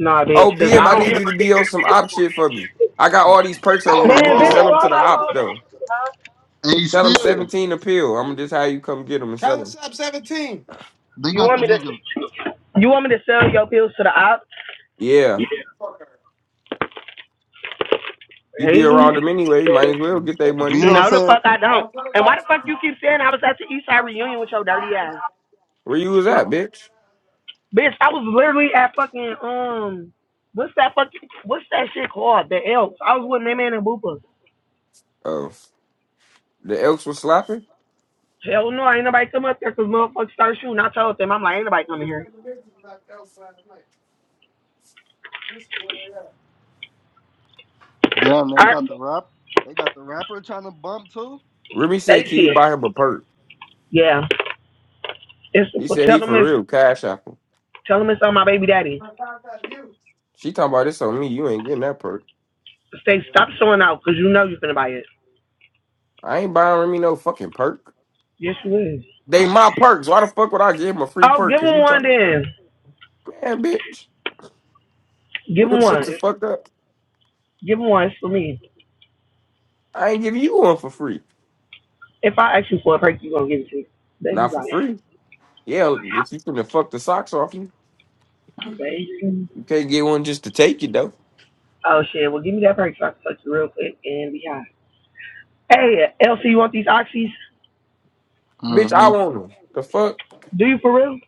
nah, bitch.
Oh,
Cause
BM,
I
I
don't.
need you to be on
[LAUGHS]
some op shit for me. I got all these perks over here. You
Man,
can
bitch,
sell them
call
to the
my phone.
ops though.
Huh?
And he
Tell them
still.
17 appeal. I'm just how you come get them and sell them.
They
You
got the
want me to?
nigga
You want me to sell your pills to the ops?
Yeah. You be
Really?
around them anyway. You might as well get their money.
Vito
No, the
said,
fuck I don't. And why the fuck you keep saying I was at the Eastside reunion with your dirty ass?
Where you was at, bitch?
Bitch, I was literally at fucking um. What's that fucking? What's that shit called? The Elks. I was with my man and Boopa.
Oh, the elks was slapping?
Hell no, ain't nobody come up there cause motherfuckers started shooting. I told them, I'm like, ain't nobody coming here.
damn, they
All right,
got the rap they got the rapper trying to bump too.
Remy
they
said, can
see
you
it.
buy him a perk?
Yeah. It's,
He
well,
said
tell
he
them
for
it's,
real, cash apple.
tell them it's on my baby daddy.
She talking about this on me. You ain't getting that perk.
Stay, stop showing out cause you know you're finna buy it.
I ain't buying Remy no fucking perk.
Yes, you is.
They my perks. Why the fuck would I give him a free
Oh,
perk?
give
Cause
him
you
one
talk,
then.
man, bitch.
Give
[LAUGHS]
him
Shut
one.
the fuck up.
Give him one. It's for me.
I ain't giving you one for free.
If I ask you for a perk, you gonna give it to me. Baby be
Not for
like,
free. Yeah, if you finna fuck the socks off you,
baby.
you can't get one just to take it though.
Oh shit. Well, give me that perk so I can touch you real quick and be high. Hey, Elsie, you want these oxys?
Bitch, I
Mm-hmm.
want them. The fuck,
Do you for real?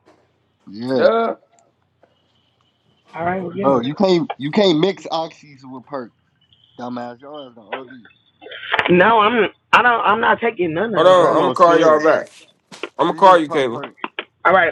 Yeah.
duh.
All right, we'll get
Bro,
them.
you can't you can't mix oxys with perk, dumbass. Your ass gonna OD.
No, I'm. I don't. I'm not taking none of
Hold
I'm
the
on,
talking
I'm
drugs.
gonna
about
call y'all
stairs.
back. I'm gonna call
Stairs
you,
pop
Kayla.
perk.
All right.